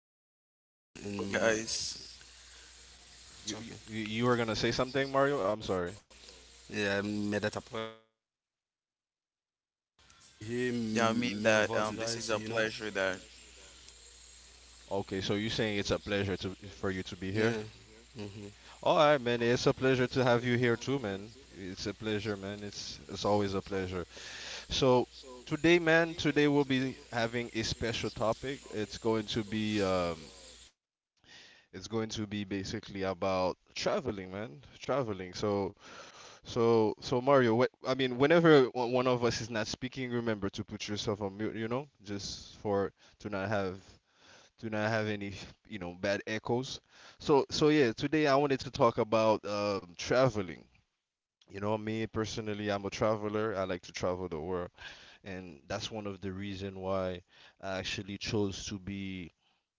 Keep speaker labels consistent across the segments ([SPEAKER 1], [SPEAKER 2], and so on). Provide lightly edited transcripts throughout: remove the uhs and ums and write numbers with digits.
[SPEAKER 1] and that's a pleasure though,
[SPEAKER 2] Well,
[SPEAKER 1] and
[SPEAKER 2] guys,
[SPEAKER 3] You you
[SPEAKER 1] talking.
[SPEAKER 3] you you were gonna say something, Mario? I'm sorry.
[SPEAKER 1] Yeah, man, that's a pleasure. Here,
[SPEAKER 2] yeah, I
[SPEAKER 1] me
[SPEAKER 2] mean
[SPEAKER 1] with us
[SPEAKER 2] that
[SPEAKER 1] guys,
[SPEAKER 2] this
[SPEAKER 1] you
[SPEAKER 2] is
[SPEAKER 1] know.
[SPEAKER 2] a pleasure that
[SPEAKER 3] Okay, so you're saying it's a pleasure to for you to
[SPEAKER 1] A
[SPEAKER 3] be
[SPEAKER 1] pleasure that
[SPEAKER 3] here.
[SPEAKER 1] yeah.
[SPEAKER 3] All right, man. It's a pleasure to have you here too, man. It's a pleasure, man. It's always a pleasure. So today, man, today we'll be having a special topic. It's going to be basically about traveling, man. Traveling. So, Mario, I mean, whenever one of us is not speaking, remember to put yourself on mute, just for to not have to not have any, bad echoes. So, yeah, today I wanted to talk about traveling. You know, me personally, I'm a traveler. I like to travel the world, and that's one of the reason why I actually chose to be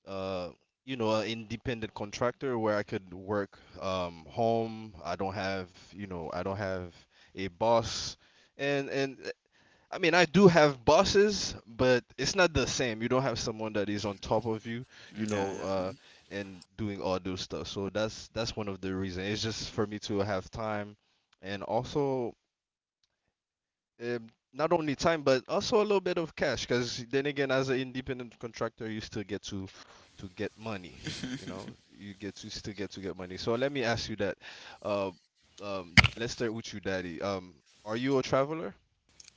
[SPEAKER 3] uh, you know, an independent contractor where I could work home. I don't have a boss, and I mean, I do have bosses, but it's not the same. You don't have someone that is on top of you, you
[SPEAKER 2] yeah,
[SPEAKER 3] know,
[SPEAKER 2] yeah.
[SPEAKER 3] uh, and doing all those stuff. So that's one of the reasons. It's just for me to have time, and also um, not only time but also a little bit of cash because then again as an independent contractor you still get to get money, you know, you get to still get to get money. So let me ask you that. uh, let's start with you, Daddy. Are you a traveler?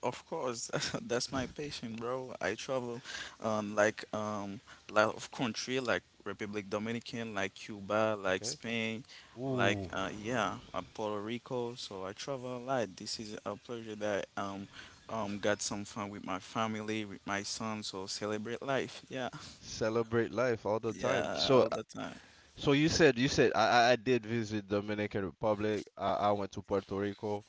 [SPEAKER 2] Of course, that's my passion, bro. I travel, like lot of country like Republic Dominican, like Cuba, like
[SPEAKER 3] Okay.
[SPEAKER 2] Spain, like
[SPEAKER 3] Ooh,
[SPEAKER 2] yeah, Puerto Rico. So I travel a lot. This is a pleasure that got some fun with my family, with my son. So celebrate life. Yeah,
[SPEAKER 3] celebrate life all the time.
[SPEAKER 2] yeah,
[SPEAKER 3] So
[SPEAKER 2] all the time.
[SPEAKER 3] so you said I did visit Dominican Republic. I went to Puerto Rico.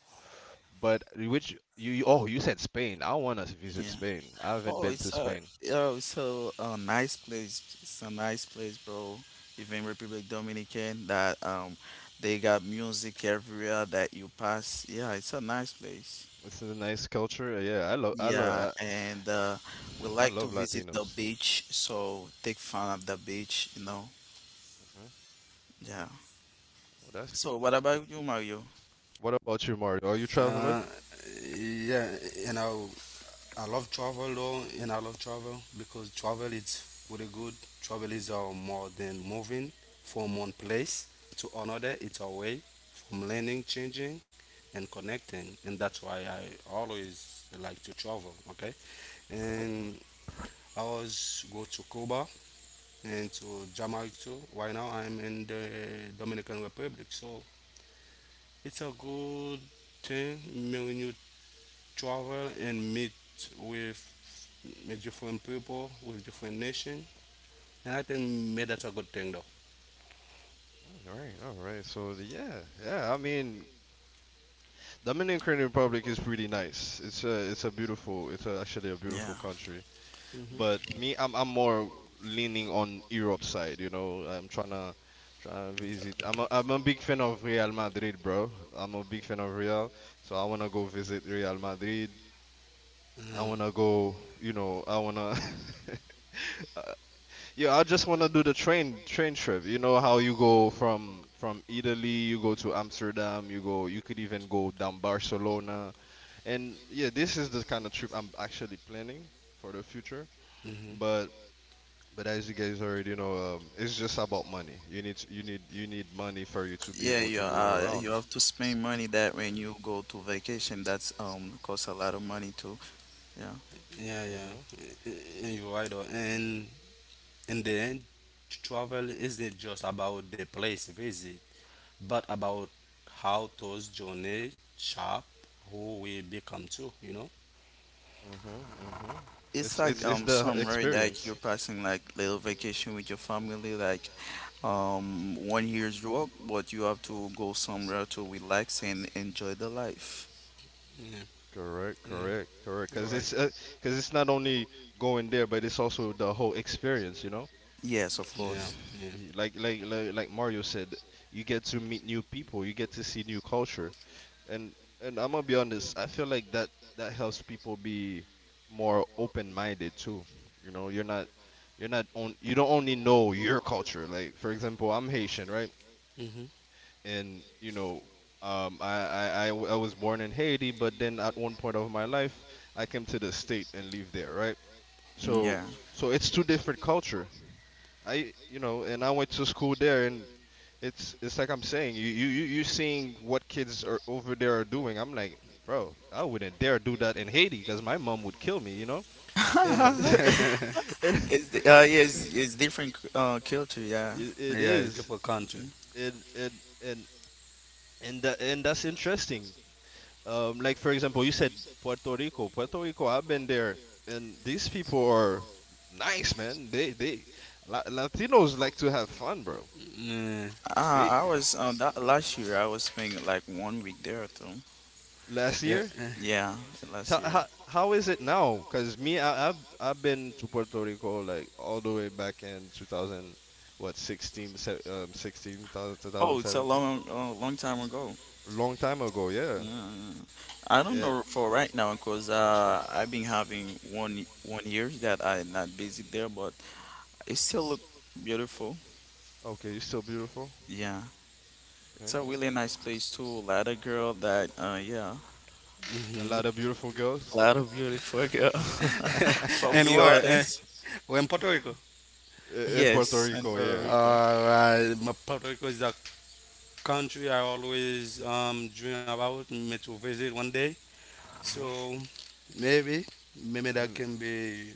[SPEAKER 3] But which oh, you said Spain. I want to visit
[SPEAKER 2] Yeah.
[SPEAKER 3] Spain. I haven't
[SPEAKER 2] Oh,
[SPEAKER 3] been to
[SPEAKER 2] it's a
[SPEAKER 3] Spain.
[SPEAKER 2] oh, it's a nice place. It's a nice place, bro. Even Republic Dominican, that they got music everywhere that you pass. Yeah, it's a nice place.
[SPEAKER 3] It's a nice culture. Yeah, I love I
[SPEAKER 2] Yeah,
[SPEAKER 3] love
[SPEAKER 2] and we
[SPEAKER 3] I, I
[SPEAKER 2] like to
[SPEAKER 3] love
[SPEAKER 2] visit the
[SPEAKER 3] Latinos.
[SPEAKER 2] beach, so take fun of the beach, you know.
[SPEAKER 3] Mhm.
[SPEAKER 2] Yeah.
[SPEAKER 3] Oh, that's
[SPEAKER 2] So
[SPEAKER 3] good.
[SPEAKER 2] what
[SPEAKER 3] That's good.
[SPEAKER 2] about you, Mario?
[SPEAKER 3] What about you, Mario? Are you a
[SPEAKER 1] hmm
[SPEAKER 3] traveler?
[SPEAKER 1] Uh, yeah, you know. I love travel though, and I love travel because travel is really good. Travel is more than moving from one place to another. It's a way from learning, changing, and connecting, and that's why I always like to travel. Okay, and I was go to Cuba and to Jamaica too. Right now, I'm in the Dominican Republic, so it's a good thing. Me travel and meet with with different people, with different nation, and I think maybe that's a good thing though.
[SPEAKER 3] Mm, all right, all right. So yeah, yeah. I mean, Dominican Republic is pretty nice. It's actually a beautiful
[SPEAKER 2] Yeah,
[SPEAKER 3] country. But
[SPEAKER 1] Hmm.
[SPEAKER 3] me, I'm more leaning on Europe side. You know, I'm trying to visit. I'm a big fan of Real Madrid, bro. I'm a big fan of Real, so I wanna go visit Real Madrid. I
[SPEAKER 1] Yeah.
[SPEAKER 3] wanna go. You know, I wanna. Uh, yeah, I just want to do the train trip. You know how you go from Italy, you go to Amsterdam, you could even go down Barcelona. And yeah, this is the kind of trip I'm actually planning for the future.
[SPEAKER 1] Hmm.
[SPEAKER 3] But but as you guys already know, it's just about money. You need money for you to be
[SPEAKER 2] yeah,
[SPEAKER 3] able
[SPEAKER 2] you
[SPEAKER 3] to move
[SPEAKER 2] uh,
[SPEAKER 3] around.
[SPEAKER 2] you have to spend money that when you go to vacation, that's costs a lot of money too. Yeah.
[SPEAKER 1] Yeah, yeah.
[SPEAKER 3] Mhm.
[SPEAKER 1] Y- You're right though. And in the end, travel isn't just about the place visit, but about how those journey shape who we become too. You know?
[SPEAKER 3] Mhm. Mhm.
[SPEAKER 2] It's
[SPEAKER 3] It's
[SPEAKER 2] like
[SPEAKER 3] it's it's the
[SPEAKER 2] summer that
[SPEAKER 3] experience.
[SPEAKER 2] you're passing like little vacation with your family like one year's work but you have to go somewhere to relax and enjoy the life.
[SPEAKER 1] Yeah,
[SPEAKER 3] Correct.
[SPEAKER 1] yeah.
[SPEAKER 3] Correct. Correct.
[SPEAKER 1] You're
[SPEAKER 3] Cause
[SPEAKER 1] right.
[SPEAKER 3] it's uh, cause it's not only going there, but it's also the whole experience. You know.
[SPEAKER 2] Yes, of
[SPEAKER 1] Yeah,
[SPEAKER 2] course.
[SPEAKER 1] yeah.
[SPEAKER 3] Like Mario said, you get to meet new people. You get to see new culture. And and I'm gonna be honest, I feel like that helps people be more open-minded too. You know, you're not on you don't only know your culture. Like for example, I'm Haitian, right?
[SPEAKER 1] Mm-hmm.
[SPEAKER 3] And I was born in Haiti, but then at one point of my life, I came to the state and lived there, right?
[SPEAKER 2] Mm,
[SPEAKER 3] So
[SPEAKER 2] yeah.
[SPEAKER 3] so it's two different culture. And I went to school there, and it's like I'm saying, you seeing what kids are over there are doing. I'm like, bro, I wouldn't dare do that in Haiti because my mom would kill me, you know. And and
[SPEAKER 2] It's yes, it's different culture, yeah.
[SPEAKER 3] it,
[SPEAKER 1] Yeah.
[SPEAKER 3] it
[SPEAKER 1] Yeah,
[SPEAKER 3] is.
[SPEAKER 1] different country.
[SPEAKER 2] D-
[SPEAKER 3] And and and and that, and that's interesting. Like for example, you said Puerto Rico. Puerto Rico, I've been there, and these people are nice, man. Latinos like to have fun, bro.
[SPEAKER 1] Yeah.
[SPEAKER 3] They
[SPEAKER 2] I was That last year I was spending like one week there too.
[SPEAKER 3] last
[SPEAKER 1] Yeah.
[SPEAKER 3] year.
[SPEAKER 2] Yeah, last
[SPEAKER 3] So
[SPEAKER 2] year.
[SPEAKER 3] how is it now? Cause me, I've been to Puerto Rico like all the way back in 2000, what, 16, 16,
[SPEAKER 2] Oh, it's a
[SPEAKER 3] 2017.
[SPEAKER 2] long long time ago.
[SPEAKER 3] Long time ago, yeah.
[SPEAKER 2] Mm, I don't
[SPEAKER 3] Yeah.
[SPEAKER 2] know for right now because I've been having one year that I not visit there, but it still look beautiful.
[SPEAKER 3] Okay, you're still beautiful.
[SPEAKER 2] Yeah,
[SPEAKER 3] Okay,
[SPEAKER 2] it's a really
[SPEAKER 3] okay.
[SPEAKER 2] nice place too. A lot of girl that yeah,
[SPEAKER 3] A
[SPEAKER 1] Hmm.
[SPEAKER 3] lot of beautiful
[SPEAKER 2] a
[SPEAKER 3] girls
[SPEAKER 2] lot of beautiful girl. From
[SPEAKER 1] And
[SPEAKER 2] be
[SPEAKER 1] where?
[SPEAKER 2] honest,
[SPEAKER 1] Where in Puerto Rico?
[SPEAKER 3] in Puerto
[SPEAKER 2] yes, and
[SPEAKER 3] Rico,
[SPEAKER 2] Puerto
[SPEAKER 3] yeah.
[SPEAKER 2] Rico.
[SPEAKER 1] My Puerto Rico is a country I always dream about me to visit one day.
[SPEAKER 3] Hmm.
[SPEAKER 1] So maybe, maybe that
[SPEAKER 3] Mm.
[SPEAKER 1] can be.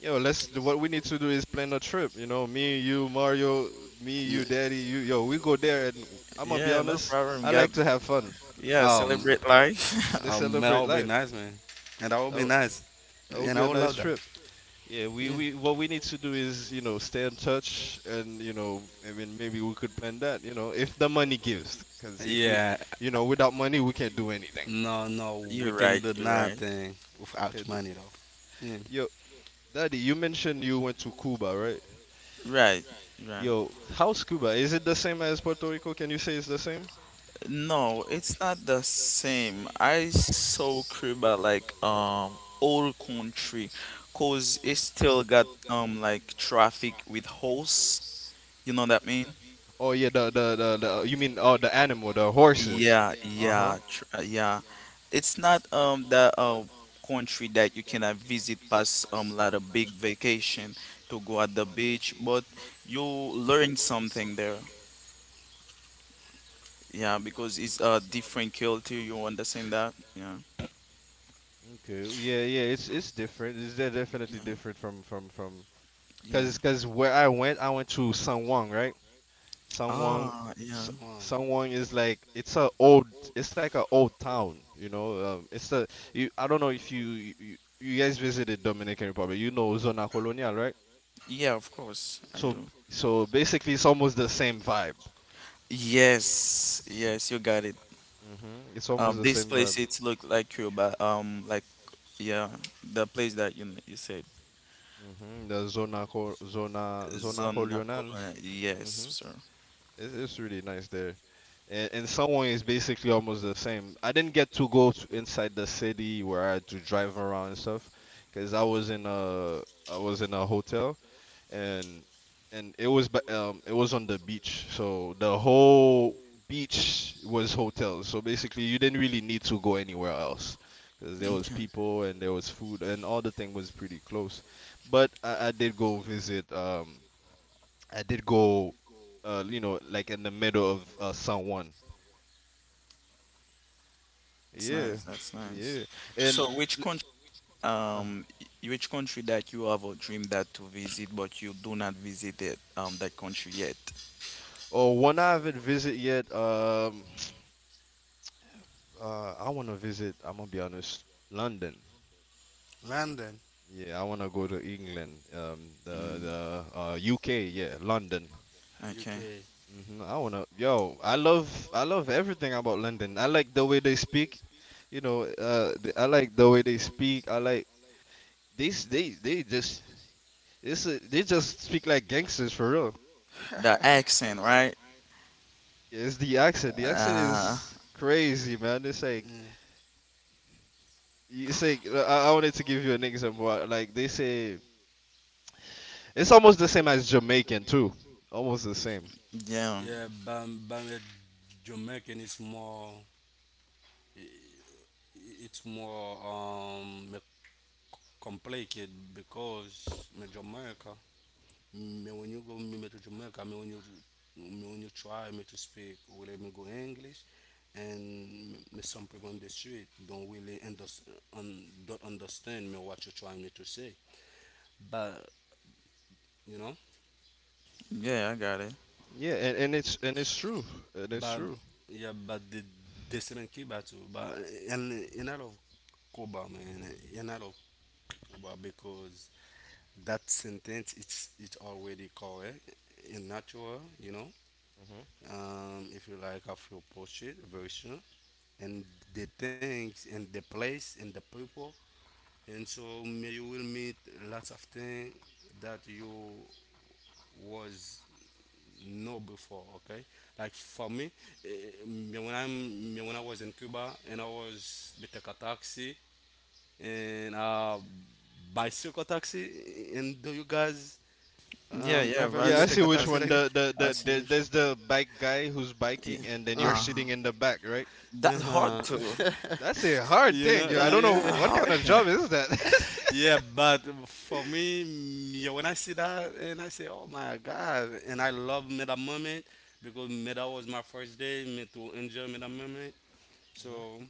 [SPEAKER 3] Yo, what we need to do is plan a trip. You know, me, you, Mario, me, you, Daddy, you. Yo, we go there, and I'm gonna be
[SPEAKER 2] Yeah, no
[SPEAKER 3] honest.
[SPEAKER 2] problem.
[SPEAKER 3] I
[SPEAKER 2] Got
[SPEAKER 3] like to have fun.
[SPEAKER 2] yeah,
[SPEAKER 1] Um,
[SPEAKER 2] celebrate life.
[SPEAKER 3] Let's
[SPEAKER 1] that
[SPEAKER 3] celebrate
[SPEAKER 1] would be
[SPEAKER 3] life.
[SPEAKER 1] nice, man. And that would
[SPEAKER 3] That
[SPEAKER 1] be
[SPEAKER 3] w-
[SPEAKER 1] nice,
[SPEAKER 3] that would
[SPEAKER 1] and
[SPEAKER 3] be
[SPEAKER 1] I
[SPEAKER 3] a
[SPEAKER 1] would
[SPEAKER 3] nice
[SPEAKER 1] love that.
[SPEAKER 3] trip. Yeah,
[SPEAKER 1] Mm.
[SPEAKER 3] we what we need to do is stay in touch and I mean maybe we could plan that if the money gives because if we
[SPEAKER 1] Yeah.
[SPEAKER 3] you know without money we can't do anything.
[SPEAKER 1] No, no, we
[SPEAKER 2] You're
[SPEAKER 1] can
[SPEAKER 2] right.
[SPEAKER 1] do
[SPEAKER 2] You're right.
[SPEAKER 1] nothing without
[SPEAKER 3] Can't do.
[SPEAKER 1] money, though. Yeah.
[SPEAKER 3] Yo, Daddy, you mentioned you went to Cuba, right?
[SPEAKER 2] Right. Right.
[SPEAKER 3] Yo, how's Cuba? Is it the same as Puerto Rico? Can you say it's the same?
[SPEAKER 2] No, it's not the same. I saw Cuba like old country, cause it still got like traffic with horse. You know what I mean?
[SPEAKER 3] Oh yeah, the you mean, oh, the animal, the horses.
[SPEAKER 2] Yeah,
[SPEAKER 3] Uh-huh.
[SPEAKER 2] yeah, tr yeah. It's not the country that you cannot visit past like a big vacation to go at the beach, but you learn something there. Yeah, because it's a different culture. You understand that? Yeah,
[SPEAKER 3] Okay. Yeah, yeah, it's different. It's definitely
[SPEAKER 2] yeah,
[SPEAKER 3] different from.
[SPEAKER 2] yeah.
[SPEAKER 3] Cause, where I went to Sangwon, right? Sangwon,
[SPEAKER 2] Ah,
[SPEAKER 3] S-
[SPEAKER 2] yeah.
[SPEAKER 1] Someone.
[SPEAKER 3] Sangwon is like it's like a old town, you know. It's a you. I don't know if you guys visited Dominican Republic. You know Zona Colonial, right?
[SPEAKER 2] Yeah, of course I
[SPEAKER 3] So
[SPEAKER 2] do.
[SPEAKER 1] Yeah.
[SPEAKER 3] so basically, it's almost the same vibe.
[SPEAKER 2] Yes, yes, you got it.
[SPEAKER 3] It's almost the
[SPEAKER 2] This
[SPEAKER 3] same vibe.
[SPEAKER 2] place it's look like Cuba. Like yeah, the place that you said
[SPEAKER 3] The Zona Co- Zona Zona
[SPEAKER 2] Zona
[SPEAKER 3] Colonial.
[SPEAKER 2] Colon- Yes,
[SPEAKER 3] Mm-hmm.
[SPEAKER 2] sir.
[SPEAKER 3] It's really nice there. And in some ways, basically almost the same. I didn't get to go to inside the city where I had to drive around and stuff, because I was in a hotel, and and it was on the beach, so the whole beach was hotels. So basically, you didn't really need to go anywhere else, because there was
[SPEAKER 2] Okay,
[SPEAKER 3] people and there was food and all the thing was pretty close. But I did go visit I did go, you know, like in the middle of San Juan.
[SPEAKER 2] that's
[SPEAKER 3] Yeah,
[SPEAKER 2] nice. That's nice.
[SPEAKER 3] yeah. And
[SPEAKER 2] So, which
[SPEAKER 3] l-
[SPEAKER 2] country?
[SPEAKER 3] uh,
[SPEAKER 2] Um, which country that you have a dream that to visit, but you do not visit it, that country yet?
[SPEAKER 3] oh, one I haven't visited yet. I want to visit. I'm gonna be honest, London.
[SPEAKER 1] London.
[SPEAKER 3] Yeah, I want to go to England. Um, the
[SPEAKER 2] Mm,
[SPEAKER 3] the uh, UK. Yeah, London.
[SPEAKER 2] okay.
[SPEAKER 1] UK.
[SPEAKER 3] Yo, I love everything about London. I like the way they speak, you know. I like the way they speak. I like this. They s- they just It's a, they just speak like gangsters for real.
[SPEAKER 2] The accent, right?
[SPEAKER 3] Yeah, it's the accent. The accent
[SPEAKER 2] Uh,
[SPEAKER 3] is crazy, man. It's like
[SPEAKER 1] Mm.
[SPEAKER 3] you say. I wanted to give you an example. Like they say, it's almost the same as Jamaican too. Almost the same.
[SPEAKER 2] yeah,
[SPEAKER 1] Yeah, Bam Bam. Jamaican is more i- it's more complicated because me Jamaica, me when you go me me to Jamaica, me when you try me to speak will me go English, and me, me some people on the street don't really understand don't understand me what you're trying me to say, but you know.
[SPEAKER 2] yeah, I got it.
[SPEAKER 3] Yeah, and it's true. And it's
[SPEAKER 1] But
[SPEAKER 3] true.
[SPEAKER 1] yeah, but the deciment Cuba too. But and and I love Cuba, man. And I love Cuba because that sentence it's already correct and natural, you know.
[SPEAKER 3] hmm
[SPEAKER 1] If you like, I feel portrait version and the things and the place and the people, and so may you will meet lots of things that you was know before. Okay, like for me, me when I'm me when I was in Cuba and I was we a taxi and bicycle taxi. And do you guys
[SPEAKER 2] Yeah, yeah,
[SPEAKER 1] ever
[SPEAKER 3] Yeah, I
[SPEAKER 1] met a
[SPEAKER 3] see
[SPEAKER 2] bicycle
[SPEAKER 3] which
[SPEAKER 1] taxi
[SPEAKER 3] one.
[SPEAKER 1] like
[SPEAKER 2] taxi.
[SPEAKER 1] that?
[SPEAKER 3] The, the
[SPEAKER 2] I
[SPEAKER 3] the
[SPEAKER 2] see
[SPEAKER 3] the
[SPEAKER 2] which.
[SPEAKER 3] there's the bike guy who's
[SPEAKER 2] Yeah.
[SPEAKER 3] biking, and then you're
[SPEAKER 1] Uh,
[SPEAKER 2] Uh,
[SPEAKER 3] sitting in the back, right?
[SPEAKER 2] that's hard too.
[SPEAKER 1] uh-huh.
[SPEAKER 3] That's a hard
[SPEAKER 1] you
[SPEAKER 3] thing,
[SPEAKER 1] know,
[SPEAKER 3] yo. I
[SPEAKER 2] Yeah,
[SPEAKER 3] don't
[SPEAKER 2] that's
[SPEAKER 3] know
[SPEAKER 1] yeah,
[SPEAKER 2] a
[SPEAKER 3] what kind
[SPEAKER 2] hard
[SPEAKER 3] of
[SPEAKER 2] thing.
[SPEAKER 3] job is that.
[SPEAKER 1] yeah. But for me, yeah, when I see that and I say, oh my God, and I love me that moment because me that was my first day, me to enjoy me that moment. So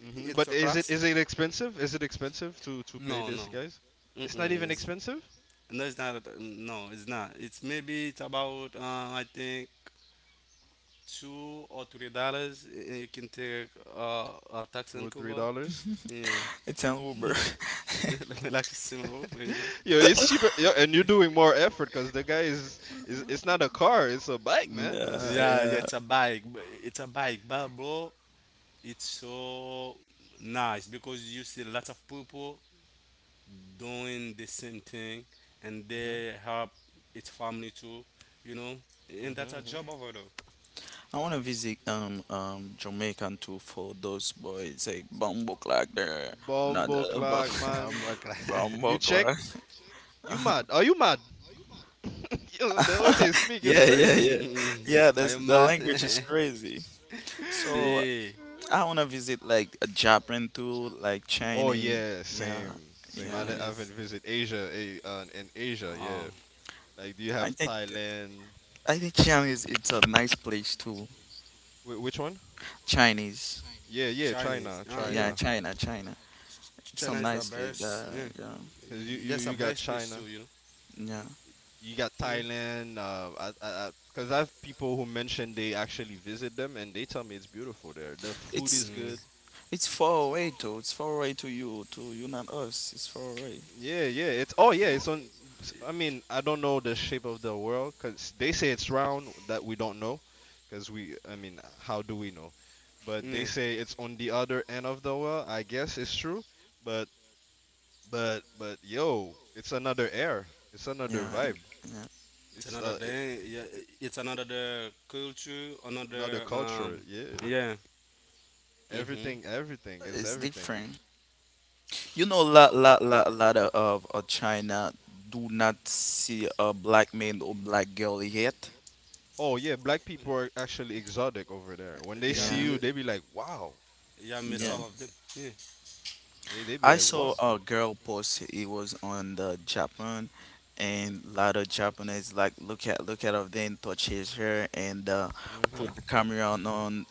[SPEAKER 1] it's
[SPEAKER 3] But
[SPEAKER 1] a
[SPEAKER 3] is it
[SPEAKER 1] classic.
[SPEAKER 3] is it expensive? Is it expensive to pay
[SPEAKER 1] No,
[SPEAKER 3] this,
[SPEAKER 1] no.
[SPEAKER 3] guys? It's not
[SPEAKER 1] Mm-mm.
[SPEAKER 3] even
[SPEAKER 1] It's,
[SPEAKER 3] expensive.
[SPEAKER 1] no, it's not. No, it's not. It's maybe it's about I think $2 or $3. And you can take a taxi
[SPEAKER 3] Two
[SPEAKER 1] in
[SPEAKER 3] or three
[SPEAKER 1] Cuba.
[SPEAKER 3] dollars.
[SPEAKER 1] Yeah,
[SPEAKER 2] It's an Uber.
[SPEAKER 1] like a similar, you know.
[SPEAKER 3] Yo, it's cheaper. Yo, and you're doing more effort because the guy is it's not a car, it's a bike,
[SPEAKER 1] Mm.
[SPEAKER 3] man.
[SPEAKER 2] Yeah,
[SPEAKER 3] That's.
[SPEAKER 1] Yeah, yeah.
[SPEAKER 2] yeah.
[SPEAKER 1] It's a bike. But It's a bike, but bro, it's so nice because you see lots of people doing the same thing, and
[SPEAKER 3] Hmm.
[SPEAKER 1] they help its family too. You know, and that's
[SPEAKER 3] Hmm.
[SPEAKER 1] a
[SPEAKER 3] Hmm.
[SPEAKER 1] job over there.
[SPEAKER 2] I want to visit Jamaica too for those boys. Say bumbo clock there, not
[SPEAKER 3] Bumble clock,
[SPEAKER 2] the
[SPEAKER 1] Well, I'm
[SPEAKER 3] man.
[SPEAKER 1] working.
[SPEAKER 2] bumbo
[SPEAKER 3] You check?
[SPEAKER 2] clock.
[SPEAKER 3] You mad? Are you mad? Yo, the way they speak is
[SPEAKER 2] Yeah, yeah,
[SPEAKER 3] crazy.
[SPEAKER 2] yeah, yeah.
[SPEAKER 1] Mm. Are
[SPEAKER 2] That's
[SPEAKER 1] you
[SPEAKER 2] the
[SPEAKER 1] mad?
[SPEAKER 2] language is crazy. So
[SPEAKER 1] See,
[SPEAKER 2] I want to visit like Japan too, like
[SPEAKER 3] Oh
[SPEAKER 2] Chinese.
[SPEAKER 3] yeah,
[SPEAKER 2] Yeah,
[SPEAKER 3] same, same. I, d-
[SPEAKER 2] yeah.
[SPEAKER 3] I
[SPEAKER 1] Chinese.
[SPEAKER 3] haven't visited Asia, in Asia,
[SPEAKER 1] Oh,
[SPEAKER 3] yeah. Like, do you
[SPEAKER 2] I
[SPEAKER 3] have
[SPEAKER 2] think.
[SPEAKER 3] Thailand?
[SPEAKER 2] I think China is it's a nice place too.
[SPEAKER 3] Which one?
[SPEAKER 2] Chinese,
[SPEAKER 3] Yeah, yeah,
[SPEAKER 1] Chinese.
[SPEAKER 3] China,
[SPEAKER 1] Ah,
[SPEAKER 2] yeah,
[SPEAKER 1] yeah.
[SPEAKER 3] China.
[SPEAKER 2] China, China. It's a
[SPEAKER 1] China is
[SPEAKER 3] Mhm.
[SPEAKER 1] the
[SPEAKER 2] nice place.
[SPEAKER 1] best. Yeah.
[SPEAKER 2] Yeah,
[SPEAKER 3] Cause you you
[SPEAKER 1] Yes,
[SPEAKER 3] you
[SPEAKER 1] a
[SPEAKER 3] got
[SPEAKER 1] best place
[SPEAKER 3] China,
[SPEAKER 1] too. You know.
[SPEAKER 2] yeah.
[SPEAKER 3] n- you got
[SPEAKER 1] Yeah.
[SPEAKER 3] Thailand. Cause I have people who mention they actually visit them and they tell me it's beautiful there. The food
[SPEAKER 2] It's
[SPEAKER 3] is
[SPEAKER 1] Mm,
[SPEAKER 3] good.
[SPEAKER 2] it's far away too. It's far away to you, not us. It's far away.
[SPEAKER 3] Yeah, yeah. It's, oh yeah. It's on. I mean, I don't know the shape of the world because they say it's round. That we don't know, because we. I mean, how do we know? But they
[SPEAKER 1] yeah.
[SPEAKER 3] say it's on the other end of the world. I guess it's true, but but yo, it's another air. It's another
[SPEAKER 2] Yeah,
[SPEAKER 3] vibe.
[SPEAKER 2] yeah.
[SPEAKER 1] It's
[SPEAKER 3] It's
[SPEAKER 1] another
[SPEAKER 3] uh it,
[SPEAKER 1] thing. Yeah.
[SPEAKER 3] it-
[SPEAKER 1] It's another the culture.
[SPEAKER 3] Another
[SPEAKER 1] Another
[SPEAKER 3] culture.
[SPEAKER 1] um.
[SPEAKER 3] Yeah.
[SPEAKER 1] Yeah. Mhm.
[SPEAKER 3] Everything. It's
[SPEAKER 2] It's
[SPEAKER 3] everything.
[SPEAKER 2] different. You know,
[SPEAKER 3] Y-
[SPEAKER 2] lot of China do not see a black man or black girl yet.
[SPEAKER 3] Oh yeah, black people are actually exotic over there. When they
[SPEAKER 1] Yeah.
[SPEAKER 3] see
[SPEAKER 2] Yeah,
[SPEAKER 3] you,
[SPEAKER 1] Mi-
[SPEAKER 3] they be like, "Wow."
[SPEAKER 1] yeah.
[SPEAKER 3] You
[SPEAKER 1] Mix
[SPEAKER 2] yeah.
[SPEAKER 1] up
[SPEAKER 3] know?
[SPEAKER 1] of them. Yeah.
[SPEAKER 3] They be
[SPEAKER 2] I
[SPEAKER 3] like,
[SPEAKER 2] saw
[SPEAKER 3] "Wow."
[SPEAKER 2] a girl post it was on the Japan and a lot of Japanese like look at her then touch his hair and put
[SPEAKER 3] Mhm.
[SPEAKER 2] the camera on,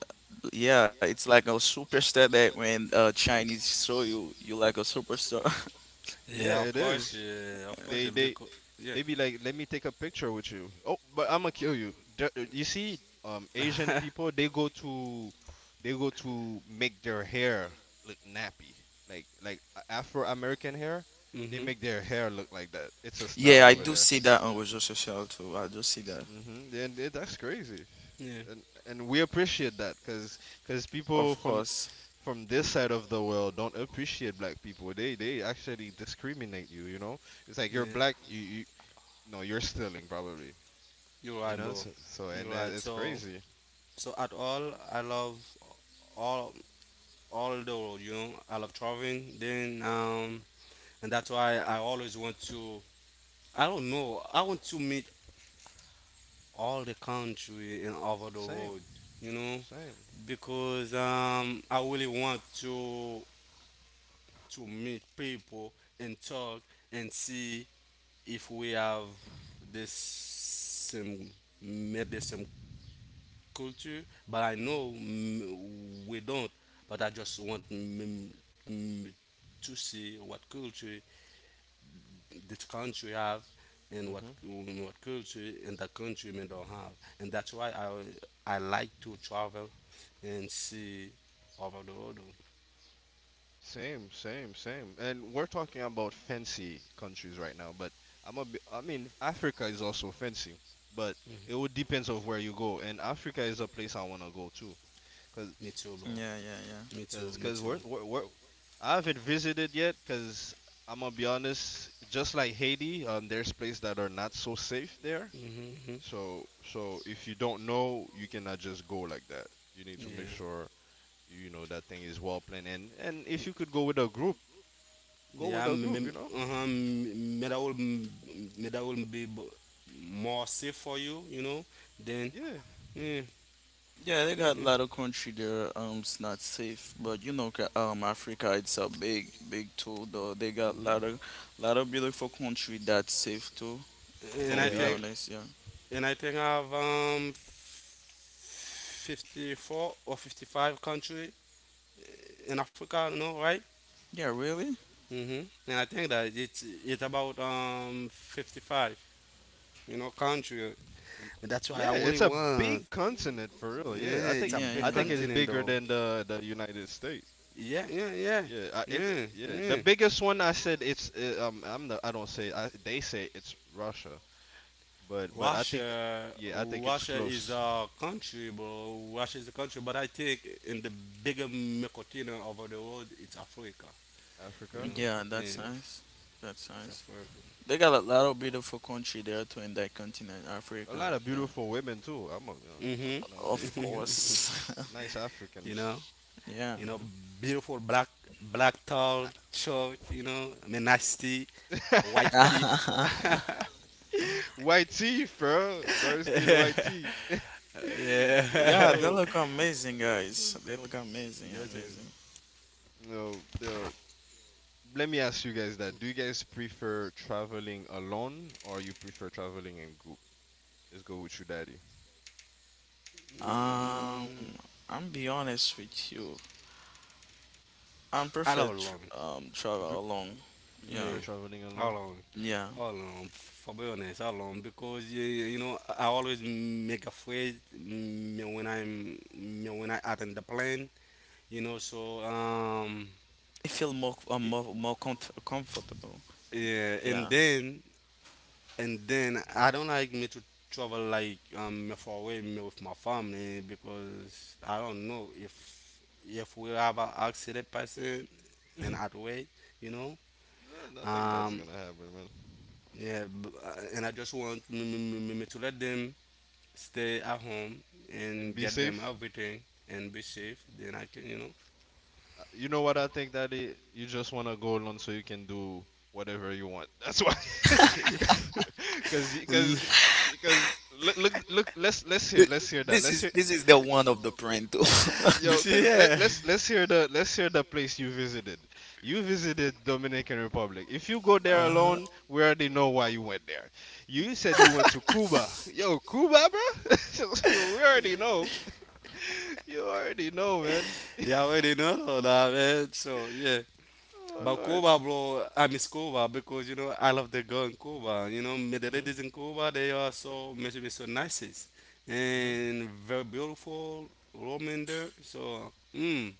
[SPEAKER 2] yeah, it's like a superstar that when Chinese saw you, like a superstar.
[SPEAKER 3] Yeah,
[SPEAKER 1] Yeah. Of
[SPEAKER 3] it
[SPEAKER 1] course.
[SPEAKER 3] is.
[SPEAKER 1] Yeah. Of course.
[SPEAKER 3] They
[SPEAKER 1] A big.
[SPEAKER 3] they
[SPEAKER 1] Co- yeah.
[SPEAKER 3] they be like, let me take a picture with you. Oh, but I'm gonna kill you. You see, Asian people they go to make their hair look nappy, like Afro American hair. They
[SPEAKER 1] Mhm.
[SPEAKER 3] make their hair look like that. It's a
[SPEAKER 2] Yeah,
[SPEAKER 3] style
[SPEAKER 2] I
[SPEAKER 3] over
[SPEAKER 2] do
[SPEAKER 3] there.
[SPEAKER 2] see that on Research Social too, I do see that,
[SPEAKER 3] Mm-hmm. That's crazy.
[SPEAKER 1] Yeah.
[SPEAKER 3] And we appreciate that because people
[SPEAKER 2] of
[SPEAKER 3] from
[SPEAKER 2] course,
[SPEAKER 3] from this side of the world don't appreciate black people. They actually discriminate you, you know? It's like you're
[SPEAKER 1] Yeah.
[SPEAKER 3] black, you, no, you're stealing probably.
[SPEAKER 1] You're
[SPEAKER 3] You
[SPEAKER 1] right,
[SPEAKER 3] know,
[SPEAKER 1] bro.
[SPEAKER 3] so, and
[SPEAKER 1] You're
[SPEAKER 3] it,
[SPEAKER 1] right.
[SPEAKER 3] it's
[SPEAKER 1] So.
[SPEAKER 3] crazy.
[SPEAKER 1] So at all, I love all all the world. You know, I love traveling. Then and that's why I always want to. I don't know. I want to meet all the country and over the
[SPEAKER 3] Same,
[SPEAKER 1] world. You know,
[SPEAKER 3] same,
[SPEAKER 1] because I really want to meet people and talk and see if we have this same made the same culture, but I know
[SPEAKER 3] hmm
[SPEAKER 1] we don't. But I just want mm, to see what culture this country have and what
[SPEAKER 3] hmm
[SPEAKER 1] what culture and the country may don't have, and that's why I like to travel and see over the world.
[SPEAKER 3] same, same, same. And we're talking about fancy countries right now, but I mean, Africa is also fancy, but it would depends of where you go. And Africa is a place I wanna go to, cause,
[SPEAKER 1] Me too, bro.
[SPEAKER 2] yeah, yeah, yeah.
[SPEAKER 1] Me too.
[SPEAKER 3] cause,
[SPEAKER 1] Me
[SPEAKER 3] cause
[SPEAKER 1] too.
[SPEAKER 3] we're I haven't visited yet, cause I'm gonna be honest, just like Haiti, there's places that are not so safe there.
[SPEAKER 1] Mm-hmm.
[SPEAKER 3] So if you don't know, you cannot just go like that. You need to make
[SPEAKER 1] Yeah.
[SPEAKER 3] sure you know that thing is well planned. And if you
[SPEAKER 1] Mm.
[SPEAKER 3] could go with a group, go
[SPEAKER 1] Yeah,
[SPEAKER 3] with a group. You know.
[SPEAKER 1] uh-huh, may that will may that will be more safe for you, you know. Then,
[SPEAKER 3] Yeah.
[SPEAKER 1] yeah,
[SPEAKER 2] Yeah, they
[SPEAKER 3] Yeah.
[SPEAKER 2] got a
[SPEAKER 1] yeah.
[SPEAKER 2] lot of country there. It's not safe, but Africa it's a big, big tool though. They got a
[SPEAKER 3] Mhm.
[SPEAKER 2] lot of, lot of beautiful country that's safe too.
[SPEAKER 1] And
[SPEAKER 2] From
[SPEAKER 1] I
[SPEAKER 3] Yeah.
[SPEAKER 2] be
[SPEAKER 3] Uh,
[SPEAKER 1] think
[SPEAKER 2] honest, yeah.
[SPEAKER 1] and I think I have 54 or 55 country in Africa, you know, right?
[SPEAKER 2] Yeah, really?
[SPEAKER 1] Hmm. And I think that it's about 55, you know, country.
[SPEAKER 3] y-
[SPEAKER 1] And that's why I
[SPEAKER 3] yeah.
[SPEAKER 1] really
[SPEAKER 3] It's a
[SPEAKER 1] want.
[SPEAKER 3] big continent for real. Yeah.
[SPEAKER 1] Yeah, it's a
[SPEAKER 2] Yeah,
[SPEAKER 1] big
[SPEAKER 3] I
[SPEAKER 2] yeah,
[SPEAKER 3] think
[SPEAKER 2] yeah.
[SPEAKER 3] it's
[SPEAKER 1] continent
[SPEAKER 3] bigger
[SPEAKER 1] though.
[SPEAKER 3] than the United States.
[SPEAKER 1] Yeah, yeah, yeah,
[SPEAKER 3] Yeah,
[SPEAKER 1] yeah,
[SPEAKER 3] yeah.
[SPEAKER 1] yeah.
[SPEAKER 3] The biggest one I said it's I don't say I they say it's Russia, but I think
[SPEAKER 1] Russia,
[SPEAKER 3] yeah I think it's
[SPEAKER 1] Russia is
[SPEAKER 3] close.
[SPEAKER 1] a country, bro. Russia is a country, but I think in the bigger continent over the world, it's Africa. You
[SPEAKER 3] Africa.
[SPEAKER 1] know,
[SPEAKER 2] Yeah,
[SPEAKER 1] yeah,
[SPEAKER 2] that's nice. That's
[SPEAKER 1] it's
[SPEAKER 2] nice.
[SPEAKER 1] Africa.
[SPEAKER 2] They got a lot of beautiful country there too in that continent,
[SPEAKER 3] A lot
[SPEAKER 2] Africa.
[SPEAKER 3] of
[SPEAKER 2] Yeah,
[SPEAKER 3] beautiful women too. I'm gonna be honest.
[SPEAKER 1] Hmm.
[SPEAKER 3] Yeah,
[SPEAKER 2] of
[SPEAKER 3] if you get
[SPEAKER 2] course.
[SPEAKER 3] nice
[SPEAKER 1] You
[SPEAKER 3] Africans,
[SPEAKER 1] know,
[SPEAKER 2] Yeah.
[SPEAKER 1] you know,
[SPEAKER 3] hmm.
[SPEAKER 1] beautiful black, black tall short. You know, I mean, nasty white teeth.
[SPEAKER 3] White teeth, bro, dark skin, white
[SPEAKER 1] yeah.
[SPEAKER 3] teeth.
[SPEAKER 2] Yeah, they
[SPEAKER 3] Yo,
[SPEAKER 2] look amazing, guys. They look amazing,
[SPEAKER 1] That's it.
[SPEAKER 2] amazing.
[SPEAKER 3] no, yo. Let me ask you guys that. Do you guys prefer traveling alone or you prefer traveling in group? Let's go with you, daddy.
[SPEAKER 2] Um.
[SPEAKER 1] Mm,
[SPEAKER 2] I'm be honest with you. I'm
[SPEAKER 1] I
[SPEAKER 2] prefer
[SPEAKER 1] love London.
[SPEAKER 3] You
[SPEAKER 2] travel
[SPEAKER 3] pre-
[SPEAKER 2] alone.
[SPEAKER 3] you
[SPEAKER 2] Yeah,
[SPEAKER 1] Yeah,
[SPEAKER 3] prefer traveling
[SPEAKER 1] I
[SPEAKER 3] alone?
[SPEAKER 1] love
[SPEAKER 2] yeah.
[SPEAKER 1] alone, for be honest, alone, because you know I always make a phrase when I'm mm, when I attend the plane, you know. So
[SPEAKER 2] I feel more comfortable.
[SPEAKER 1] yeah,
[SPEAKER 2] Yeah.
[SPEAKER 1] and then I don't like me to travel like far away me with my family because I don't know if we have an accident person and at way, you know.
[SPEAKER 3] Nothing bad's
[SPEAKER 1] Um.
[SPEAKER 3] gonna happen, man.
[SPEAKER 1] Yeah, and I just want me, me, me, me- to let them stay at home
[SPEAKER 3] And
[SPEAKER 1] and
[SPEAKER 3] be
[SPEAKER 1] get them
[SPEAKER 3] safe.
[SPEAKER 1] everything and be safe. Then I can, you know.
[SPEAKER 3] You know what I think that is? You just want to go alone so you can do whatever you want. That's why. Cause, y-
[SPEAKER 1] L-
[SPEAKER 3] cause, Cause look, look, look. Let's let's hear
[SPEAKER 2] Th-
[SPEAKER 3] let's hear that.
[SPEAKER 2] This
[SPEAKER 3] Let's
[SPEAKER 2] is
[SPEAKER 3] hear
[SPEAKER 2] this is the one of the Prento.
[SPEAKER 3] yo.
[SPEAKER 1] Listen,
[SPEAKER 3] Cause
[SPEAKER 1] yeah,
[SPEAKER 3] let's hear the place you visited. You visited Dominican Republic. If you go there
[SPEAKER 2] Uh-huh.
[SPEAKER 3] alone, we already know why you went there. You said you went to Cuba. Yo, Cuba, bro. We already know. You already know, man.
[SPEAKER 1] yeah, already know that, man. So yeah,
[SPEAKER 3] Oh
[SPEAKER 1] but
[SPEAKER 3] Lord.
[SPEAKER 1] Cuba, bro, I miss Cuba because you know I love the girl in Cuba. You know, me- the
[SPEAKER 3] Mhm.
[SPEAKER 1] ladies in Cuba, they are so, me- me so nice and very beautiful women there. So, mm,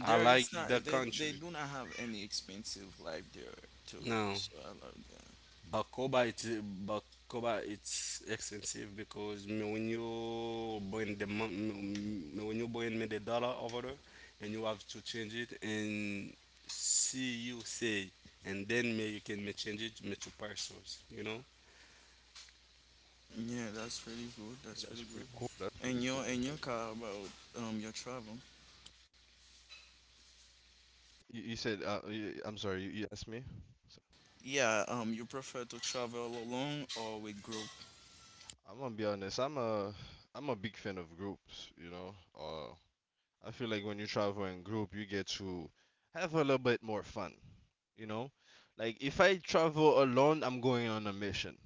[SPEAKER 1] I
[SPEAKER 2] it's
[SPEAKER 1] like the
[SPEAKER 2] not, they
[SPEAKER 1] country.
[SPEAKER 2] they do not have any expensive life there too.
[SPEAKER 1] No.
[SPEAKER 2] So I love that.
[SPEAKER 1] Bacoba it's expensive because me when you bring the mon- me when you bring me the dollar over there and you have to change it and see you say and then me you can me change it me to pesos, you know.
[SPEAKER 2] Yeah, that's really good. That's
[SPEAKER 3] That's
[SPEAKER 2] really
[SPEAKER 3] pretty
[SPEAKER 2] good.
[SPEAKER 3] cool. That's
[SPEAKER 2] And
[SPEAKER 3] pretty
[SPEAKER 2] your
[SPEAKER 3] cool,
[SPEAKER 2] and
[SPEAKER 3] actually.
[SPEAKER 2] your car about your travel.
[SPEAKER 3] You said, I'm sorry, you asked me? So,
[SPEAKER 2] Yeah, you prefer to travel alone or with group?
[SPEAKER 3] I'm gonna be honest. I'm a big fan of groups, you know. I feel like when you travel in group, you get to have a little bit more fun, you know. Like if I travel alone, I'm going on a mission,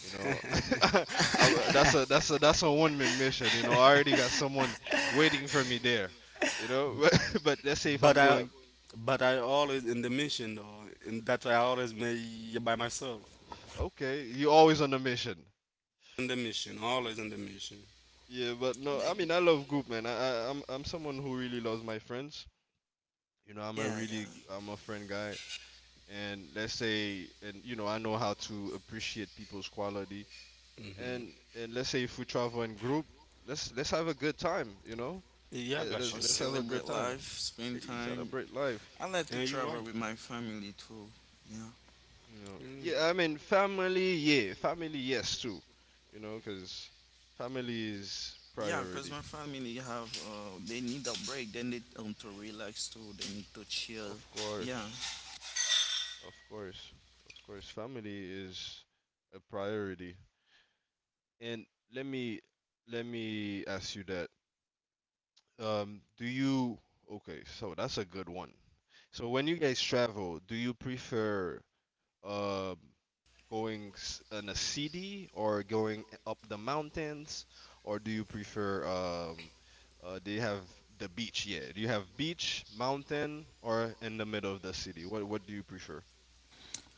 [SPEAKER 3] you know. I, that's a one-man mission, you know. I already got someone waiting for me there, you know. But, let's say if
[SPEAKER 1] But
[SPEAKER 3] I'm
[SPEAKER 1] I
[SPEAKER 3] going,
[SPEAKER 1] but I always in the mission though, and that's why I always me by myself
[SPEAKER 3] okay, you're always on a mission.
[SPEAKER 1] in the mission, always in the mission.
[SPEAKER 3] Yeah, but no, I mean I
[SPEAKER 2] Like,
[SPEAKER 3] love group, man. I'm someone who really loves my friends. You know,
[SPEAKER 2] yeah, yeah,
[SPEAKER 3] I'm a friend guy, and let's say, and you know, I know how to appreciate people's quality.
[SPEAKER 1] Hmm.
[SPEAKER 3] And let's say if we travel in group, let's have a good time. You know,
[SPEAKER 1] Yeah,
[SPEAKER 3] eh,
[SPEAKER 2] or
[SPEAKER 3] let's
[SPEAKER 1] gotcha
[SPEAKER 3] let's
[SPEAKER 1] Joe.
[SPEAKER 3] have a good
[SPEAKER 2] celebrate
[SPEAKER 3] time,
[SPEAKER 2] life, spend time.
[SPEAKER 3] celebrate life.
[SPEAKER 2] I like to
[SPEAKER 1] And you're
[SPEAKER 2] travel
[SPEAKER 1] right.
[SPEAKER 2] with my family too. Yeah,
[SPEAKER 3] You know,
[SPEAKER 1] Mm.
[SPEAKER 3] yeah, I mean family, yeah, family, yes too. You know, because family is
[SPEAKER 2] yeah, cause
[SPEAKER 3] priority,
[SPEAKER 2] my family have, they need a break. They need to relax too. They need to chill.
[SPEAKER 3] of
[SPEAKER 2] Yeah.
[SPEAKER 3] course. Of course, of course, family is a priority. And let me let me ask you that. Do you Okay, so that's a good one. So when you guys travel, do you prefer um in a city or going up the mountains, or do you prefer do you have the beach? Yeah, do you have beach, mountain, or in the middle of the city? What do you prefer?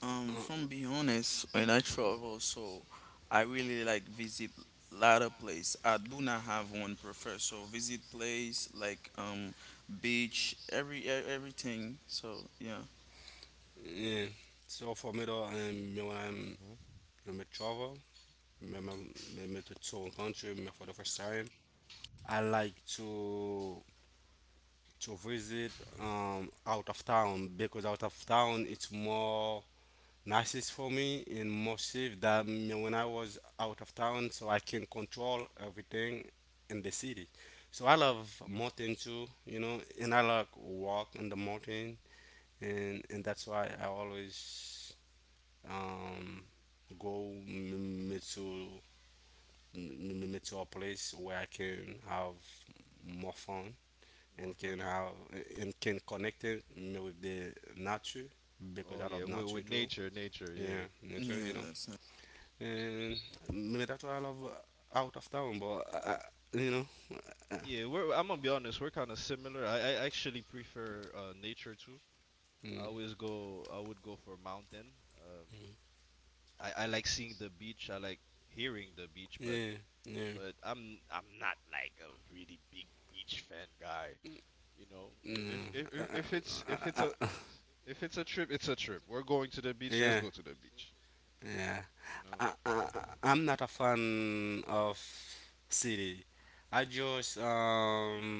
[SPEAKER 2] From be honest, when I travel, so I really like visit lot of place. I do not have one prefer. So visit place like beach, everything. So yeah,
[SPEAKER 1] Yeah. So for me though, me when I'm
[SPEAKER 3] Hmm.
[SPEAKER 1] when me travel, me me, me to tour country, me for the first time, I like to visit out of town because out of town it's more nicest for me and more safe than me when I was out of town, so I can control everything in the city. So I love mountain too, you know, and I like walk in the mountain, and that's why I always um, go me to me to a place where I can have more fun
[SPEAKER 3] More
[SPEAKER 1] and
[SPEAKER 3] fun.
[SPEAKER 1] can have and can connect it me with the nature because
[SPEAKER 3] Oh
[SPEAKER 1] I
[SPEAKER 3] yeah,
[SPEAKER 1] love
[SPEAKER 3] with
[SPEAKER 1] nature too.
[SPEAKER 3] nature, nature, yeah,
[SPEAKER 1] Yeah, nature, you
[SPEAKER 2] yeah,
[SPEAKER 1] know.
[SPEAKER 2] that's it.
[SPEAKER 1] And maybe that's why I love out of town, but you know,
[SPEAKER 3] yeah. We're I'm gonna be honest, we're kind of similar. I actually prefer nature too. I
[SPEAKER 1] mm,
[SPEAKER 3] always go, I would go for mountain. Um, I like seeing the beach. I like hearing the beach,
[SPEAKER 1] yeah, yeah,
[SPEAKER 3] but I'm not like a really big beach fan guy. You know,
[SPEAKER 1] mm, uh, uh, uh, uh, uh,
[SPEAKER 3] if it's a trip, it's a trip. We're going to the beach.
[SPEAKER 1] yeah,
[SPEAKER 3] Let's go to the beach.
[SPEAKER 1] yeah.
[SPEAKER 3] You know,
[SPEAKER 1] I'm not a fan of city. I just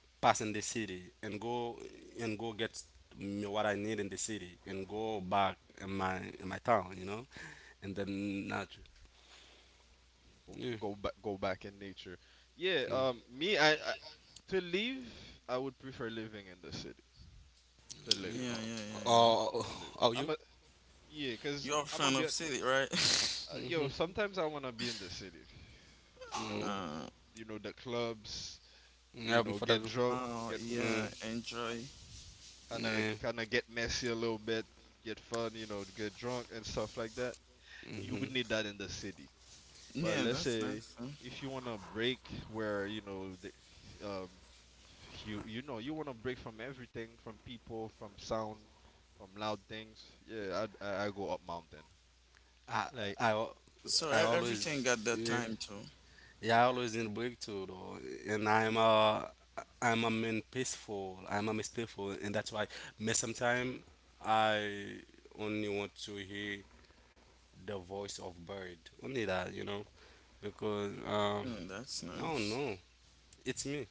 [SPEAKER 1] pass in the city and go get me what I need in the city and go back in my town, you know, and then not. Yeah,
[SPEAKER 3] go back in nature. Yeah,
[SPEAKER 1] yeah,
[SPEAKER 3] I to live I would prefer living in the city. To
[SPEAKER 1] yeah.
[SPEAKER 3] live,
[SPEAKER 2] Yeah,
[SPEAKER 1] Oh,
[SPEAKER 2] yeah, yeah, yeah.
[SPEAKER 1] oh,
[SPEAKER 3] to
[SPEAKER 1] oh,
[SPEAKER 3] live.
[SPEAKER 1] oh, you?
[SPEAKER 3] I'm a yeah, cuz
[SPEAKER 2] You're a
[SPEAKER 3] I'm gonna
[SPEAKER 2] fan
[SPEAKER 3] be
[SPEAKER 2] of
[SPEAKER 3] hon-
[SPEAKER 2] city, right?
[SPEAKER 1] Mm-hmm.
[SPEAKER 3] yo, sometimes I want to be in the city. You
[SPEAKER 1] Mm.
[SPEAKER 3] know,
[SPEAKER 2] Uh,
[SPEAKER 3] you know the clubs, you
[SPEAKER 1] Yeah,
[SPEAKER 3] know,
[SPEAKER 1] for
[SPEAKER 3] get
[SPEAKER 1] the.
[SPEAKER 3] drunk,
[SPEAKER 2] oh
[SPEAKER 3] get
[SPEAKER 1] Mm,
[SPEAKER 2] yeah, enjoy.
[SPEAKER 3] kind of
[SPEAKER 1] yeah.
[SPEAKER 3] kind of get messy a little bit, get fun, you know, get drunk and stuff like that. You
[SPEAKER 1] Mm-hmm.
[SPEAKER 3] would need that in the city. But
[SPEAKER 2] Yeah,
[SPEAKER 3] let's
[SPEAKER 2] that's
[SPEAKER 3] say
[SPEAKER 2] nice. Huh?
[SPEAKER 3] if you want to break where you know the, um, you you know you want to break from everything, from people, from sound, from loud things. Yeah, I go up mountain.
[SPEAKER 1] I,
[SPEAKER 3] Like
[SPEAKER 1] I, al-
[SPEAKER 2] So
[SPEAKER 1] I always.
[SPEAKER 2] everything got the
[SPEAKER 1] Yeah.
[SPEAKER 2] time too.
[SPEAKER 1] Yeah, I always in breakthrough though, and I'm a man peaceful. I'm a miss peaceful, and that's why me sometimes I only want to hear the voice of bird. Only that, you know, because
[SPEAKER 2] That's
[SPEAKER 1] I
[SPEAKER 3] mhm.
[SPEAKER 1] don't
[SPEAKER 2] nice.
[SPEAKER 1] know. It's me.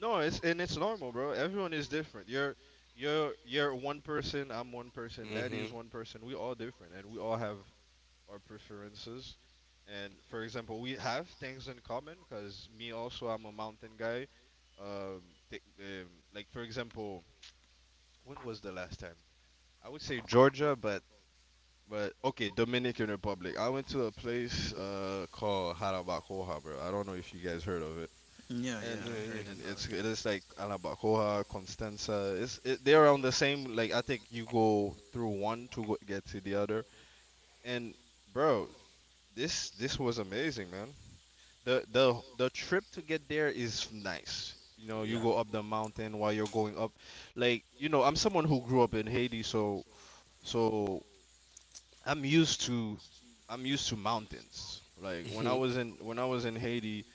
[SPEAKER 3] No, it's and it's normal, bro. Everyone is different. You're you're one person. I'm one person. Daddy is
[SPEAKER 1] Mhm.
[SPEAKER 3] one person. We all different, and we all have our preferences. And for example, we have things in common because me also I'm a mountain guy. Um, like for example, when was the last time? I would say Georgia, but okay, Dominican Republic. I went to a place called Jarabacoa, bro. I don't know if you guys heard of it.
[SPEAKER 2] Yeah, yeah,
[SPEAKER 3] And
[SPEAKER 1] Yeah,
[SPEAKER 2] I
[SPEAKER 1] yeah,
[SPEAKER 2] heard
[SPEAKER 3] and
[SPEAKER 2] about
[SPEAKER 3] it's
[SPEAKER 2] it.
[SPEAKER 3] it is like Jarabacoa, Constanza. It's it, they're on the same like I think you go through one to get to the other. And bro, this was amazing, man. The trip to get there is nice. You know, you
[SPEAKER 1] yeah.
[SPEAKER 3] go up the mountain while you're going up. Like, you know, I'm someone who grew up in Haiti, so so I'm used to I'm used to mountains. Like
[SPEAKER 1] Mhm.
[SPEAKER 3] when I was in Haiti,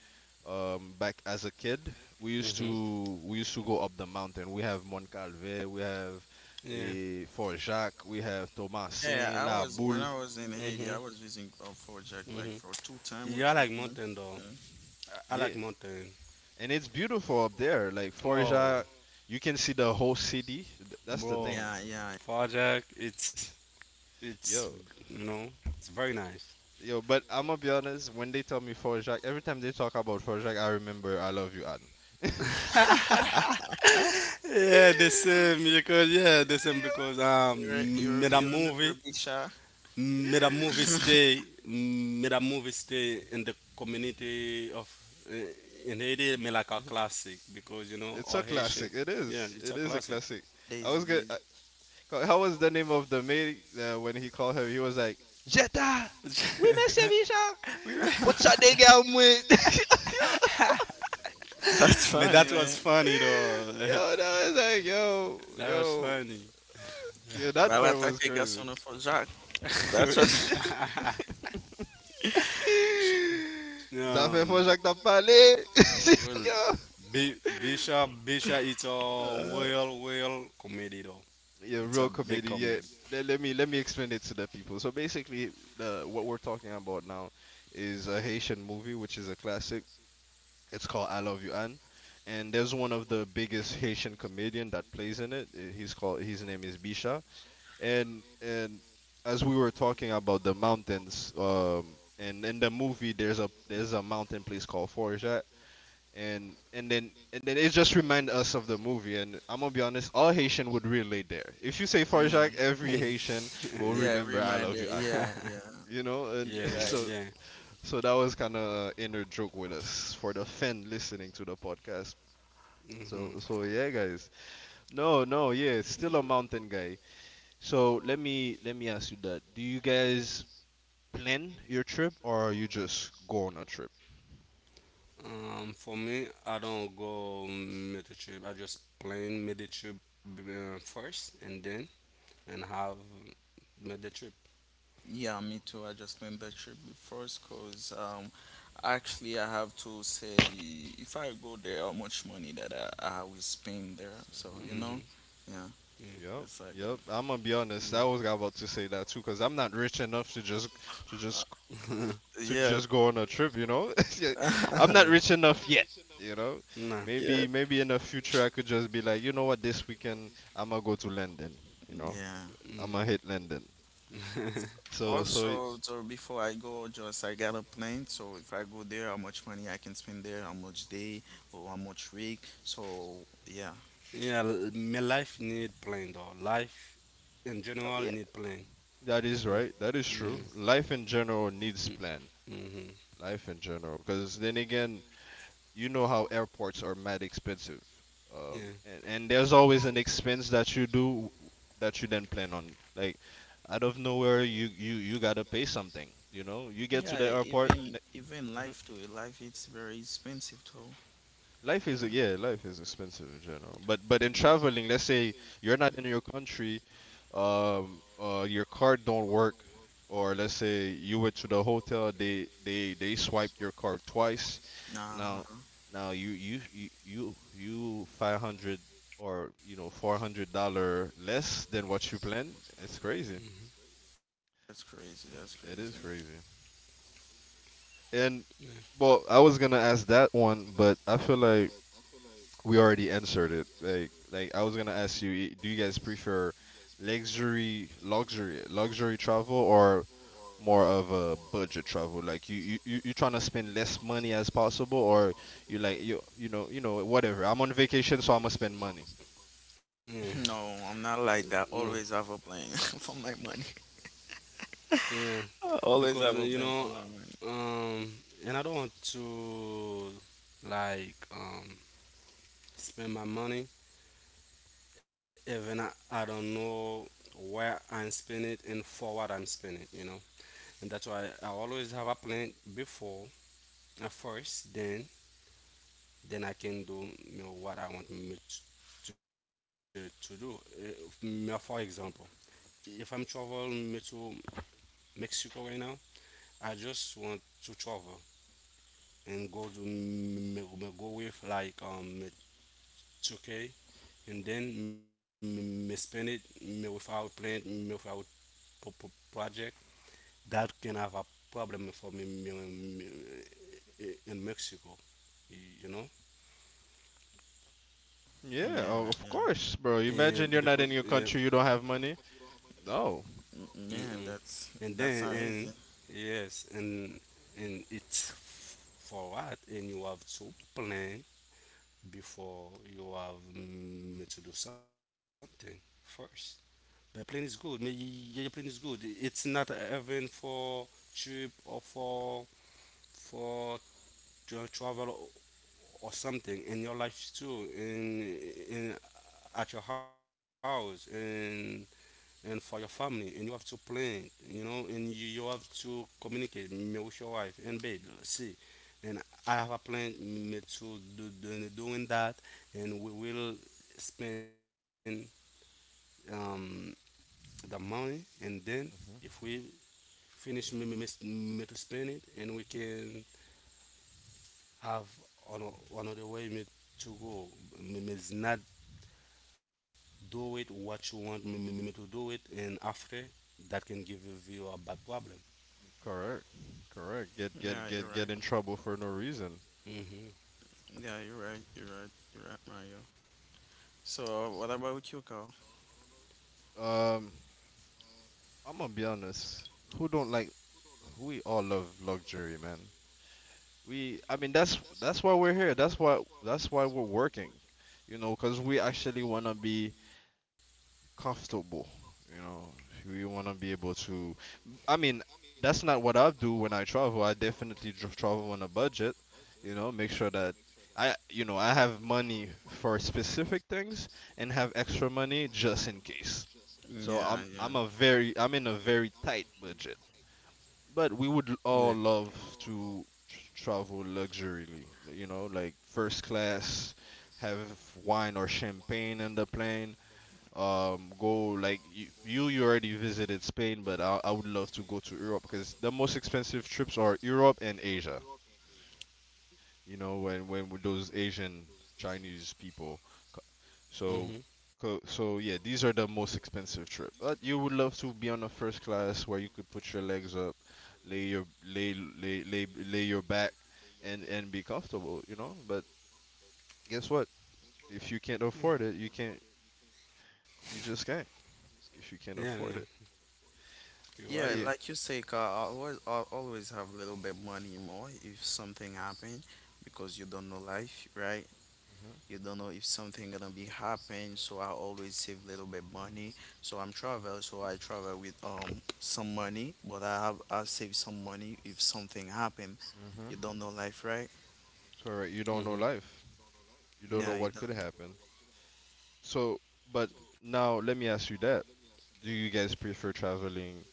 [SPEAKER 3] back as a kid,
[SPEAKER 1] Mhm.
[SPEAKER 3] we used to go up the mountain. We have Mont Calvet, we have
[SPEAKER 1] Yeah.
[SPEAKER 3] Fort Jacques, we have
[SPEAKER 2] Yeah,
[SPEAKER 3] Thomasin,
[SPEAKER 2] I
[SPEAKER 3] La
[SPEAKER 2] was when
[SPEAKER 3] Boule.
[SPEAKER 2] I was in Haiti, I
[SPEAKER 1] Mhm.
[SPEAKER 2] was visiting a project like
[SPEAKER 1] Mhm.
[SPEAKER 2] for two time or
[SPEAKER 1] Yeah, I
[SPEAKER 2] three
[SPEAKER 1] like
[SPEAKER 2] time.
[SPEAKER 1] mountain though.
[SPEAKER 2] Uh,
[SPEAKER 1] I like
[SPEAKER 3] Yeah,
[SPEAKER 1] mountain.
[SPEAKER 3] and it's beautiful up there. Like
[SPEAKER 1] Oh,
[SPEAKER 3] Forja, you can see the whole city. That's the
[SPEAKER 1] bro,
[SPEAKER 3] thing.
[SPEAKER 2] yeah, yeah.
[SPEAKER 1] Far Jack, it's it's
[SPEAKER 3] Yo.
[SPEAKER 1] you know, it's very nice.
[SPEAKER 3] Yo, but I'm gonna be honest, when they tell me Forjak, every time they talk about Forjak, I remember I love you, Anne.
[SPEAKER 1] yeah, the same because yeah, the same because
[SPEAKER 2] You re- you re- you remember Bisha?
[SPEAKER 1] made a movie stay, made a movie stay in the community of in Haiti, made like a classic because you know
[SPEAKER 3] It's a
[SPEAKER 1] all Haitian.
[SPEAKER 3] classic. It
[SPEAKER 1] Yeah,
[SPEAKER 3] is.
[SPEAKER 1] it's
[SPEAKER 3] It
[SPEAKER 1] a
[SPEAKER 3] is a
[SPEAKER 1] classic.
[SPEAKER 3] classic. I was
[SPEAKER 2] Daisy,
[SPEAKER 3] good.
[SPEAKER 2] Daisy.
[SPEAKER 3] How was the name of the maid when he called her? He was like, Jetta! Oui, monsieur Michel!
[SPEAKER 1] We were-
[SPEAKER 3] Put your nigga out, moi. Yo.
[SPEAKER 2] That's
[SPEAKER 1] but
[SPEAKER 2] funny,
[SPEAKER 1] that was
[SPEAKER 2] man.
[SPEAKER 1] funny though.
[SPEAKER 3] Yo, no, it's like, yo,
[SPEAKER 1] That was
[SPEAKER 3] yo,
[SPEAKER 1] funny.
[SPEAKER 3] yeah, that part
[SPEAKER 2] Balata
[SPEAKER 3] was
[SPEAKER 2] que garçom
[SPEAKER 3] crazy.
[SPEAKER 2] não for Jack. That's what.
[SPEAKER 1] We-
[SPEAKER 3] Ça fait fois
[SPEAKER 1] um,
[SPEAKER 3] Jacques t'as parlé.
[SPEAKER 1] well,
[SPEAKER 3] Yo.
[SPEAKER 1] B- Bishop Bishop, it's a
[SPEAKER 2] Uh,
[SPEAKER 1] real, real comedy though.
[SPEAKER 3] Yeah,
[SPEAKER 1] It's a
[SPEAKER 3] real
[SPEAKER 1] big
[SPEAKER 3] comedy. Yeah,
[SPEAKER 1] comedy.
[SPEAKER 3] let me explain it to the people. So basically, the what we're talking about now is a Haitian movie, which is a classic. It's called I Love You Anne, and there's one of the biggest Haitian comedian that plays in it. He's called his name is Bisha, and as we were talking about the mountains, and in the movie there's a mountain place called Forget, and then it just remind us of the movie. And I'm gonna be honest, all Haitian would relate there. If you say
[SPEAKER 2] yeah.
[SPEAKER 3] Forget, every Haitian will
[SPEAKER 2] Yeah, it
[SPEAKER 3] remember I Love
[SPEAKER 2] reminded.
[SPEAKER 3] You Anne.
[SPEAKER 2] Yeah, yeah.
[SPEAKER 3] You know,
[SPEAKER 1] yeah,
[SPEAKER 3] and
[SPEAKER 2] You're
[SPEAKER 1] yeah.
[SPEAKER 2] right.
[SPEAKER 3] so so that was kind of inner joke with us for the fan listening to the podcast. So
[SPEAKER 1] Hmm.
[SPEAKER 3] so yeah, guys. No, no, yeah, it's still a mountain guy. So let me ask you that. Do you guys plan your trip or you just go on a trip?
[SPEAKER 1] For me, I don't go Meditrip. I just plan Meditrip first, and then and have Meditrip.
[SPEAKER 2] Yeah, me too. I just planned that trip first because actually I have to say if I go there, how much money that I will spend there. So,
[SPEAKER 3] Hmm.
[SPEAKER 1] Mm-hmm.
[SPEAKER 2] yeah,
[SPEAKER 1] Yeah,
[SPEAKER 3] Yep,
[SPEAKER 2] it's like that.
[SPEAKER 3] yep. I'm gonna be honest. I was about to say that too, cause I'm not rich enough to
[SPEAKER 2] Uh,
[SPEAKER 3] just
[SPEAKER 1] yeah,
[SPEAKER 3] to
[SPEAKER 2] yeah,
[SPEAKER 3] just go on a trip. You know, yeah, I'm
[SPEAKER 1] yeah,
[SPEAKER 3] not rich enough yet. You know,
[SPEAKER 1] nah,
[SPEAKER 2] yeah,
[SPEAKER 3] maybe maybe in the future I could just be like, you know what, this weekend I'm gonna go to London. You know,
[SPEAKER 2] yeah.
[SPEAKER 1] yeah.
[SPEAKER 3] I'm gonna hit London. So so
[SPEAKER 2] Also, so before I go, just I got a plan. So if I go there, how much money I can spend there, how much day or how much week. So yeah,
[SPEAKER 1] yeah, my life need plan though. Life in general
[SPEAKER 3] yeah,
[SPEAKER 1] need plan.
[SPEAKER 3] that is right. That is true.
[SPEAKER 1] Yeah,
[SPEAKER 3] Life in general needs plan.
[SPEAKER 1] right.
[SPEAKER 3] Life in general, because then again, you know how airports are mad expensive, um,
[SPEAKER 1] Yeah,
[SPEAKER 3] and and there's always an expense that you do that you then plan on. Like out of nowhere, you gotta pay something. You know, you get to
[SPEAKER 2] yeah.
[SPEAKER 3] the airport.
[SPEAKER 2] Even life too. Life it's very expensive too.
[SPEAKER 3] Life is expensive in general. But in
[SPEAKER 2] Yeah.
[SPEAKER 3] traveling, let's say you're not in your country, your card don't work, or let's say you went to the hotel, they swiped your card twice. Now
[SPEAKER 2] Uh-huh.
[SPEAKER 3] now you 500 or you know $400 less than what you planned. It's
[SPEAKER 1] mm, mhm,
[SPEAKER 3] crazy.
[SPEAKER 2] That's crazy. That's
[SPEAKER 3] It
[SPEAKER 2] crazy.
[SPEAKER 3] is crazy.
[SPEAKER 1] yeah,
[SPEAKER 3] And well, I was gonna ask that one, but I feel like we already answered it. Like I was gonna ask you, do you guys prefer luxury travel or more of a budget travel? Like you trying to spend less money as possible, or you like you know whatever. I'm on vacation, so I'm gonna spend money.
[SPEAKER 1] yeah.
[SPEAKER 2] No, I'm not
[SPEAKER 1] No,
[SPEAKER 2] like that. Always have a plan for my money.
[SPEAKER 1] yeah. Because
[SPEAKER 2] Always
[SPEAKER 1] you
[SPEAKER 2] have a
[SPEAKER 1] know,
[SPEAKER 2] plan for my money.
[SPEAKER 1] um, and I don't want to like spend my money even I don't know where I'm spending it and for what I'm spending it. You know, and that's why I always have a plan before at first, then I can do you know what I want me to do. If, for example, if I'm traveling me to Mexico right now, I just want to travel and go to me go with like 2K and then me, me spend it me without plan me without pro- pro- project that can have a problem for me in Mexico, you know.
[SPEAKER 3] Yeah,
[SPEAKER 2] Yeah,
[SPEAKER 3] of
[SPEAKER 2] yeah.
[SPEAKER 1] And
[SPEAKER 3] course, bro.
[SPEAKER 1] because, yeah,
[SPEAKER 3] Imagine you're not in your country, you don't have money. No.
[SPEAKER 1] mm-mm.
[SPEAKER 2] Yeah, that's
[SPEAKER 1] And then
[SPEAKER 2] that's not
[SPEAKER 1] and
[SPEAKER 2] easy.
[SPEAKER 1] yes and it's for what, and you have to plan before you have to do something first. The plane is good. Your plane is good. It's not even for trip or for travel or something in your life too. In at your house, and for your family, and you have to plan, you know. And you have to communicate me with your wife and babe see, and I have a plan me to do, doing that, and we will spend um the money. And then if
[SPEAKER 3] Hmm.
[SPEAKER 1] we finish maybe middle spend it, and we can have another way me to go. Me is not do it what you want me to do it, and after that can give you a bad problem.
[SPEAKER 3] Correct, correct. Get get
[SPEAKER 2] Yeah, you're
[SPEAKER 3] get get
[SPEAKER 2] right.
[SPEAKER 3] in trouble for no reason.
[SPEAKER 1] Hmm.
[SPEAKER 2] Yeah, you're right. You're right. You're right, Mario. So, what about you, Carl?
[SPEAKER 3] Um. I'm gonna be honest. Who don't like? We all love luxury, man. I mean, that's why we're here. That's why we're working. You know, because we actually wanna be comfortable. You know, we wanna be able to. I mean, that's not what I do when I travel. I definitely travel on a budget. You know, make sure that I, you know, I have money for specific things and have extra money just in case. So
[SPEAKER 2] Yeah, yeah.
[SPEAKER 3] I'm in a very tight budget. But we would
[SPEAKER 1] Yeah.
[SPEAKER 3] all love to travel luxuriously, you know, like first class, have wine or champagne in the plane. Go like you already visited Spain, but I would love to go to Europe because the most expensive trips are Europe and Asia. You know, when with those Asian Chinese people
[SPEAKER 1] Hmm.
[SPEAKER 3] so, so yeah, these are the most expensive trip. But you would love to be on a first class where you could put your legs up, lay your lay your back, and be comfortable, you know. But guess what? If you can't
[SPEAKER 1] Yeah.
[SPEAKER 3] afford it, you can't. You just can't. If
[SPEAKER 1] Yeah,
[SPEAKER 3] you
[SPEAKER 1] yeah.
[SPEAKER 3] can't afford it,
[SPEAKER 1] You're right, man.
[SPEAKER 2] Yeah,
[SPEAKER 3] it.
[SPEAKER 2] like you say, Carl, I always have a little bit money more if something happen, because you don't know life, right? You don't know if something gonna be happen, so I always save little bit money. So I'm travel, so I travel with some money, but I save some money if something happen.
[SPEAKER 3] Hmm. Hmm.
[SPEAKER 2] You don't know life, right?
[SPEAKER 3] Correct.
[SPEAKER 1] Hmm.
[SPEAKER 3] You don't know life.
[SPEAKER 1] Yeah.
[SPEAKER 3] You don't know
[SPEAKER 2] Yeah, you
[SPEAKER 3] what could
[SPEAKER 2] don't
[SPEAKER 3] happen. So, but now let me ask you that. Do you guys prefer traveling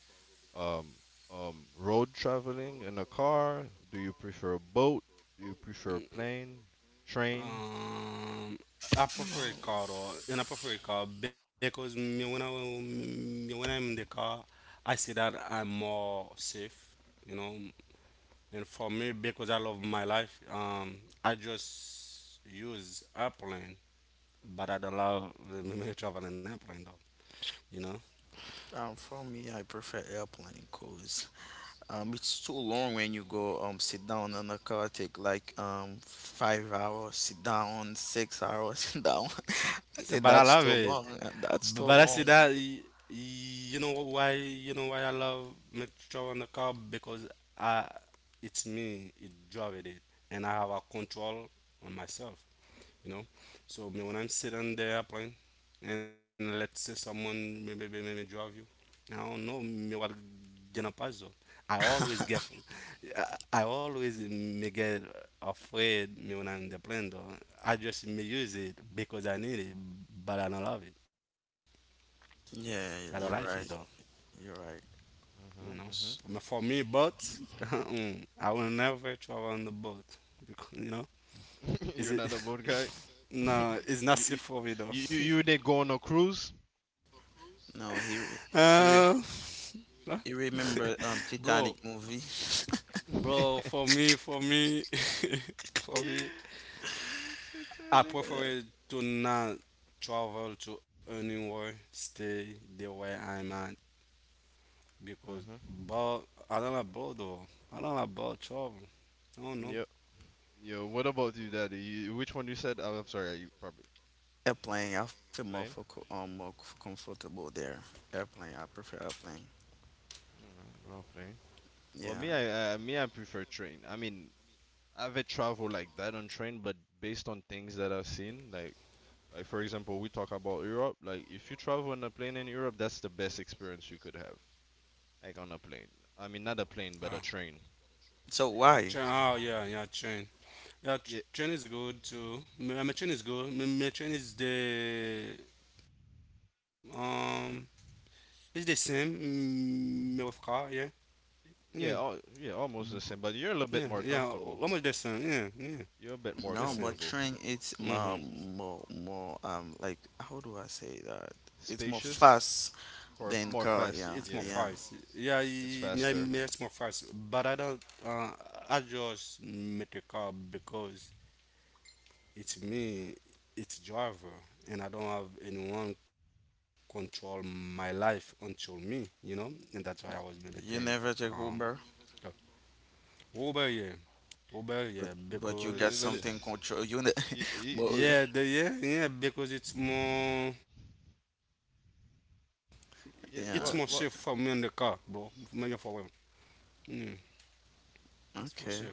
[SPEAKER 3] um, road traveling in a car? Do you prefer boat? Do you prefer plane, train?
[SPEAKER 1] Um, I prefer a car
[SPEAKER 2] know.
[SPEAKER 1] though, and I prefer a car because me when I'm in the car, I see that I'm more safe, you know. And for me, because I love my life, I just use airplane, but I don't love traveling airplane though, you know.
[SPEAKER 2] For me, I prefer airplane cause it's too long when you go sit down on a car, take like 5 hours sit down, 6 hours sit down. I said
[SPEAKER 1] But I
[SPEAKER 2] that's
[SPEAKER 1] love
[SPEAKER 2] too
[SPEAKER 1] it.
[SPEAKER 2] long. That's
[SPEAKER 1] But
[SPEAKER 2] too
[SPEAKER 1] I see that
[SPEAKER 2] long.
[SPEAKER 1] you know why, you know why I love metro on the car, because I it's me it drive it, and I have a control on myself, you know. So me when I'm sitting there airplane, and let's say someone maybe drive you, I don't know me what gonna pass though. I always get, I always me get afraid me when I'm in the plane though. I just me use it because I need it, but I don't love it. I don't
[SPEAKER 2] Yeah,
[SPEAKER 1] like it though,
[SPEAKER 2] you're right. You're right.
[SPEAKER 1] you know.
[SPEAKER 3] Hmm.
[SPEAKER 1] For me, but I will never travel on the boat because you know.
[SPEAKER 3] Hmm. You're
[SPEAKER 1] Is
[SPEAKER 3] not a
[SPEAKER 1] it
[SPEAKER 3] boat guy.
[SPEAKER 1] no? It's
[SPEAKER 3] you,
[SPEAKER 1] not
[SPEAKER 3] you
[SPEAKER 1] safe for me though.
[SPEAKER 3] you you did go on a cruise?
[SPEAKER 2] No,
[SPEAKER 1] Uh,
[SPEAKER 2] he re- he remember
[SPEAKER 1] bro,
[SPEAKER 2] Titanic movie.
[SPEAKER 1] For me, for me, I prefer to not travel to anywhere, stay the way I'm at because,
[SPEAKER 3] Mhm.
[SPEAKER 1] but I don't like bro though. I don't like bro travel. I don't know.
[SPEAKER 3] Yep. Yo, what about you, Daddy? You, which one you said? Oh, I'm sorry. You probably
[SPEAKER 2] Airplane, I feel more for
[SPEAKER 3] plane.
[SPEAKER 2] co- more c- comfortable there. Airplane, I prefer airplane.
[SPEAKER 3] Oh, plane. Well,
[SPEAKER 2] Yeah.
[SPEAKER 3] me, I prefer train. I mean, I haven't traveled like that on train, but based on things that I've seen, like for example, we talk about Europe. Like if you travel on a plane in Europe, that's the best experience you could have. Like on a plane. I mean, not a plane, but a
[SPEAKER 1] Oh,
[SPEAKER 3] train.
[SPEAKER 2] So
[SPEAKER 1] I
[SPEAKER 2] why?
[SPEAKER 1] train. Oh yeah, yeah, train. Yeah,
[SPEAKER 3] Yeah,
[SPEAKER 1] train is good too. My train is good. My train is the um, it's the same. Mm, with car, yeah, yeah,
[SPEAKER 3] almost the same. But you're a
[SPEAKER 1] yeah,
[SPEAKER 3] little bit
[SPEAKER 1] yeah.
[SPEAKER 3] more
[SPEAKER 1] Almost
[SPEAKER 3] comfortable.
[SPEAKER 1] the same. Yeah, yeah,
[SPEAKER 3] You're a bit
[SPEAKER 1] the
[SPEAKER 3] more
[SPEAKER 2] No,
[SPEAKER 1] same.
[SPEAKER 2] but
[SPEAKER 3] comfortable.
[SPEAKER 2] train it's
[SPEAKER 1] Hmm.
[SPEAKER 2] more like, how do I say that? It's more
[SPEAKER 3] Spacious,
[SPEAKER 2] fast than
[SPEAKER 3] more
[SPEAKER 1] It's
[SPEAKER 2] car.
[SPEAKER 1] more
[SPEAKER 3] fast.
[SPEAKER 2] Yeah,
[SPEAKER 1] fast.
[SPEAKER 3] Yeah,
[SPEAKER 2] yeah.
[SPEAKER 1] Yeah, yeah,
[SPEAKER 3] it's
[SPEAKER 1] yeah, it's more
[SPEAKER 3] faster.
[SPEAKER 1] fast. But I don't. I just make a car because it's me. It's driver, and I don't have anyone control my life until me. You know, and that's why I was maybe take
[SPEAKER 2] You never
[SPEAKER 1] um
[SPEAKER 2] take Uber,
[SPEAKER 1] uh, Uber. Yeah, Uber. Yeah,
[SPEAKER 2] but
[SPEAKER 3] But
[SPEAKER 2] you got
[SPEAKER 3] it- but it,
[SPEAKER 1] because
[SPEAKER 2] something control. You ne-
[SPEAKER 3] you, you,
[SPEAKER 2] but
[SPEAKER 1] yeah, the yeah yeah because it's more safe for me in the car,
[SPEAKER 3] yeah.
[SPEAKER 1] bro.
[SPEAKER 2] yeah.
[SPEAKER 3] Well, well,
[SPEAKER 1] Maybe for a while. Yeah, it's more safe.
[SPEAKER 2] Okay.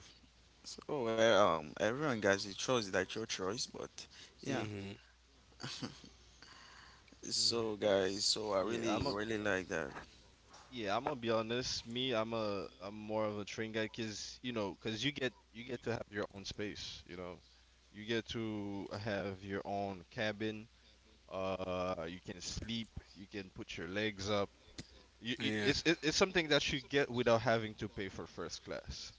[SPEAKER 2] So, everyone, guys, it's choice that's your choice, but yeah.
[SPEAKER 1] Hmm.
[SPEAKER 2] So, guys, so I
[SPEAKER 3] yeah.
[SPEAKER 2] really,
[SPEAKER 3] I'm a
[SPEAKER 2] really like that.
[SPEAKER 3] Yeah, I'm gonna be honest. Me, I'm more of a train guy, cause you know, cause you get to have your own space. You know, you get to have your own cabin. You can sleep. You can put your legs up.
[SPEAKER 1] Yeah.
[SPEAKER 3] It's something that you get without having to pay for first class.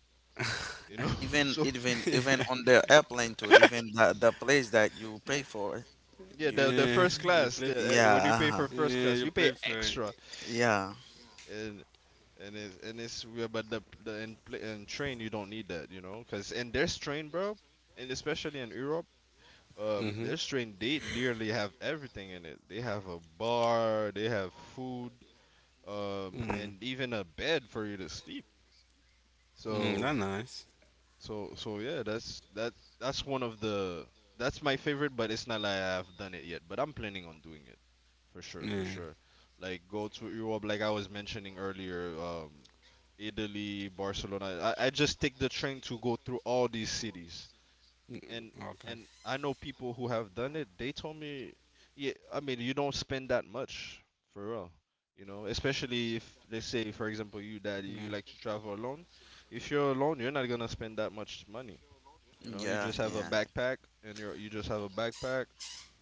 [SPEAKER 3] You know,
[SPEAKER 2] Even,
[SPEAKER 3] so
[SPEAKER 2] even, even on the airplane too. Even the place that you pay for,
[SPEAKER 3] yeah,
[SPEAKER 2] you,
[SPEAKER 3] the
[SPEAKER 1] Yeah.
[SPEAKER 3] first
[SPEAKER 1] You
[SPEAKER 3] class,
[SPEAKER 1] play.
[SPEAKER 3] the,
[SPEAKER 2] yeah,
[SPEAKER 3] when you pay
[SPEAKER 2] uh-huh,
[SPEAKER 3] for first
[SPEAKER 1] Yeah. You
[SPEAKER 3] class, you
[SPEAKER 1] play
[SPEAKER 3] pay
[SPEAKER 1] fair.
[SPEAKER 3] extra.
[SPEAKER 2] yeah,
[SPEAKER 3] And it's real, but in train you don't need that, you know, because in their train, bro, and especially in Europe, their
[SPEAKER 1] Mhm.
[SPEAKER 3] train they literally have everything in it. They have a bar, they have food,
[SPEAKER 1] Mm.
[SPEAKER 3] and even a bed for you to sleep.
[SPEAKER 1] Mm.
[SPEAKER 3] So
[SPEAKER 1] That nice.
[SPEAKER 3] so yeah, that's one of the that's my favorite, but it's not like I've done it yet. But I'm planning on doing it for sure, for
[SPEAKER 1] Yeah.
[SPEAKER 3] sure. Like go to Europe, like I was mentioning earlier, Italy, Barcelona. I just take the train to go through all these cities and
[SPEAKER 1] Mm.
[SPEAKER 3] and
[SPEAKER 1] Okay.
[SPEAKER 3] I know people who have done it. They told me, yeah, I mean, you don't spend that much for real. You know, especially if
[SPEAKER 1] Yeah.
[SPEAKER 3] let's say, for example, you daddy, you like to travel alone. If you're alone, you're not gonna spend that much money. You know, you
[SPEAKER 2] yeah,
[SPEAKER 3] just have
[SPEAKER 2] yeah,
[SPEAKER 3] a backpack, and you just have a backpack.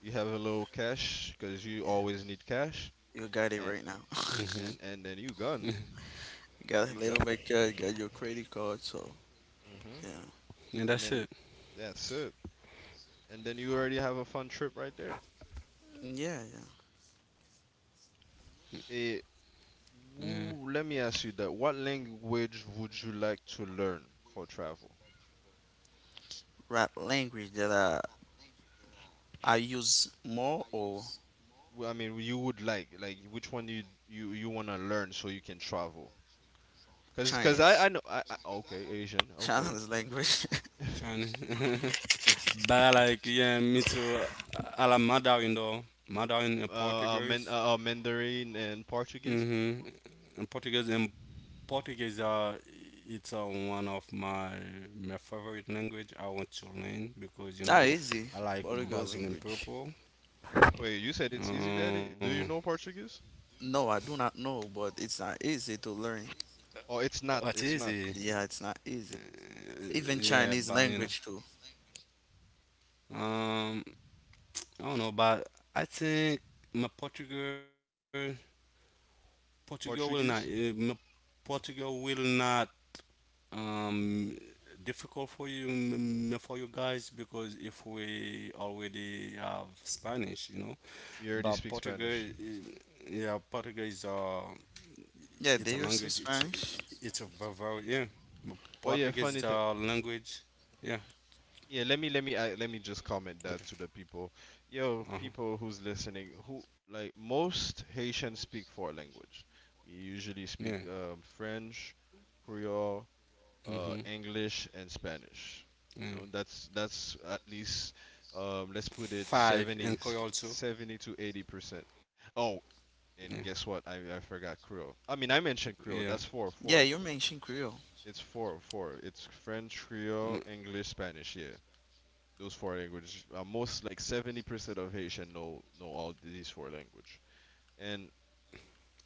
[SPEAKER 3] You have a little cash because you
[SPEAKER 2] yeah.
[SPEAKER 3] always need cash,
[SPEAKER 2] You got it
[SPEAKER 3] and
[SPEAKER 2] right now.
[SPEAKER 1] Mhm.
[SPEAKER 3] and then you gone,
[SPEAKER 2] You got a
[SPEAKER 3] you
[SPEAKER 2] little
[SPEAKER 3] gone.
[SPEAKER 2] bit, got your credit card, so
[SPEAKER 3] Mhm.
[SPEAKER 2] yeah,
[SPEAKER 1] And that's
[SPEAKER 3] And
[SPEAKER 1] it.
[SPEAKER 3] then that's it. And then you already have a fun trip right there.
[SPEAKER 2] yeah, yeah.
[SPEAKER 1] Yeah.
[SPEAKER 3] Eh, Woo, let me ask you that. What language would you like to learn for travel?
[SPEAKER 2] Right, language that I use more, or
[SPEAKER 3] I mean, you would like, which one you want to learn so you can travel? Cause
[SPEAKER 2] Chinese,
[SPEAKER 3] I okay Asian okay,
[SPEAKER 2] Chinese language.
[SPEAKER 1] China. But like yeah, me too. I like Mandarin though. Mandarin and Portuguese.
[SPEAKER 3] Mandarin and Portuguese.
[SPEAKER 1] Mhm. And Portuguese are it's one of my favorite language I want to learn, because you know
[SPEAKER 2] Not easy,
[SPEAKER 1] I like
[SPEAKER 2] Portugal
[SPEAKER 1] Brazilian
[SPEAKER 2] language.
[SPEAKER 1] people.
[SPEAKER 3] Wait, you said it's easy, Daddy?
[SPEAKER 1] Um,
[SPEAKER 3] Do you know Portuguese?
[SPEAKER 2] No, I do not know, but it's not easy to learn.
[SPEAKER 3] Oh, it's not.
[SPEAKER 1] what
[SPEAKER 3] It's
[SPEAKER 1] is
[SPEAKER 3] not
[SPEAKER 1] it?
[SPEAKER 2] Yeah, it's not easy. Even
[SPEAKER 1] Yeah,
[SPEAKER 2] Chinese
[SPEAKER 1] but you know,
[SPEAKER 2] language too.
[SPEAKER 1] um, I don't know, but I think my Portugal, Portugal will not, my
[SPEAKER 3] Portuguese.
[SPEAKER 1] Portugal will not um difficult for you for you guys, because if we already have Spanish, you know,
[SPEAKER 3] You already
[SPEAKER 1] but
[SPEAKER 3] speak
[SPEAKER 1] Portugal,
[SPEAKER 3] Spanish.
[SPEAKER 1] yeah, Portuguese,
[SPEAKER 2] Yeah, they
[SPEAKER 1] it's a
[SPEAKER 2] use the
[SPEAKER 1] language.
[SPEAKER 2] Spanish.
[SPEAKER 1] It's a very yeah.
[SPEAKER 3] Oh yeah,
[SPEAKER 1] Portuguese is
[SPEAKER 3] funny thing.
[SPEAKER 1] a language. Yeah.
[SPEAKER 3] Yeah, let me just comment that
[SPEAKER 1] Okay.
[SPEAKER 3] to the people. Yo,
[SPEAKER 1] Uh huh.
[SPEAKER 3] people who's listening, who like most Haitians speak four language. We usually
[SPEAKER 1] Yeah.
[SPEAKER 3] speak French, Creole,
[SPEAKER 1] Mm-hmm.
[SPEAKER 3] English, and Spanish. You know,
[SPEAKER 1] Yeah.
[SPEAKER 3] that's at least let's put it
[SPEAKER 1] Five and Koi also.
[SPEAKER 3] 70 to 80%. Oh,
[SPEAKER 1] Yeah.
[SPEAKER 3] and guess what? I forgot Creole. I mean, I mentioned
[SPEAKER 1] Yeah.
[SPEAKER 3] Creole. That's four
[SPEAKER 2] Yeah,
[SPEAKER 3] four.
[SPEAKER 2] you mentioned Creole.
[SPEAKER 3] It's four four. It's French,
[SPEAKER 1] Mm,
[SPEAKER 3] Creole, English, Spanish. Yeah those four languages, uh, most like 70% of Haitian know all these four language. And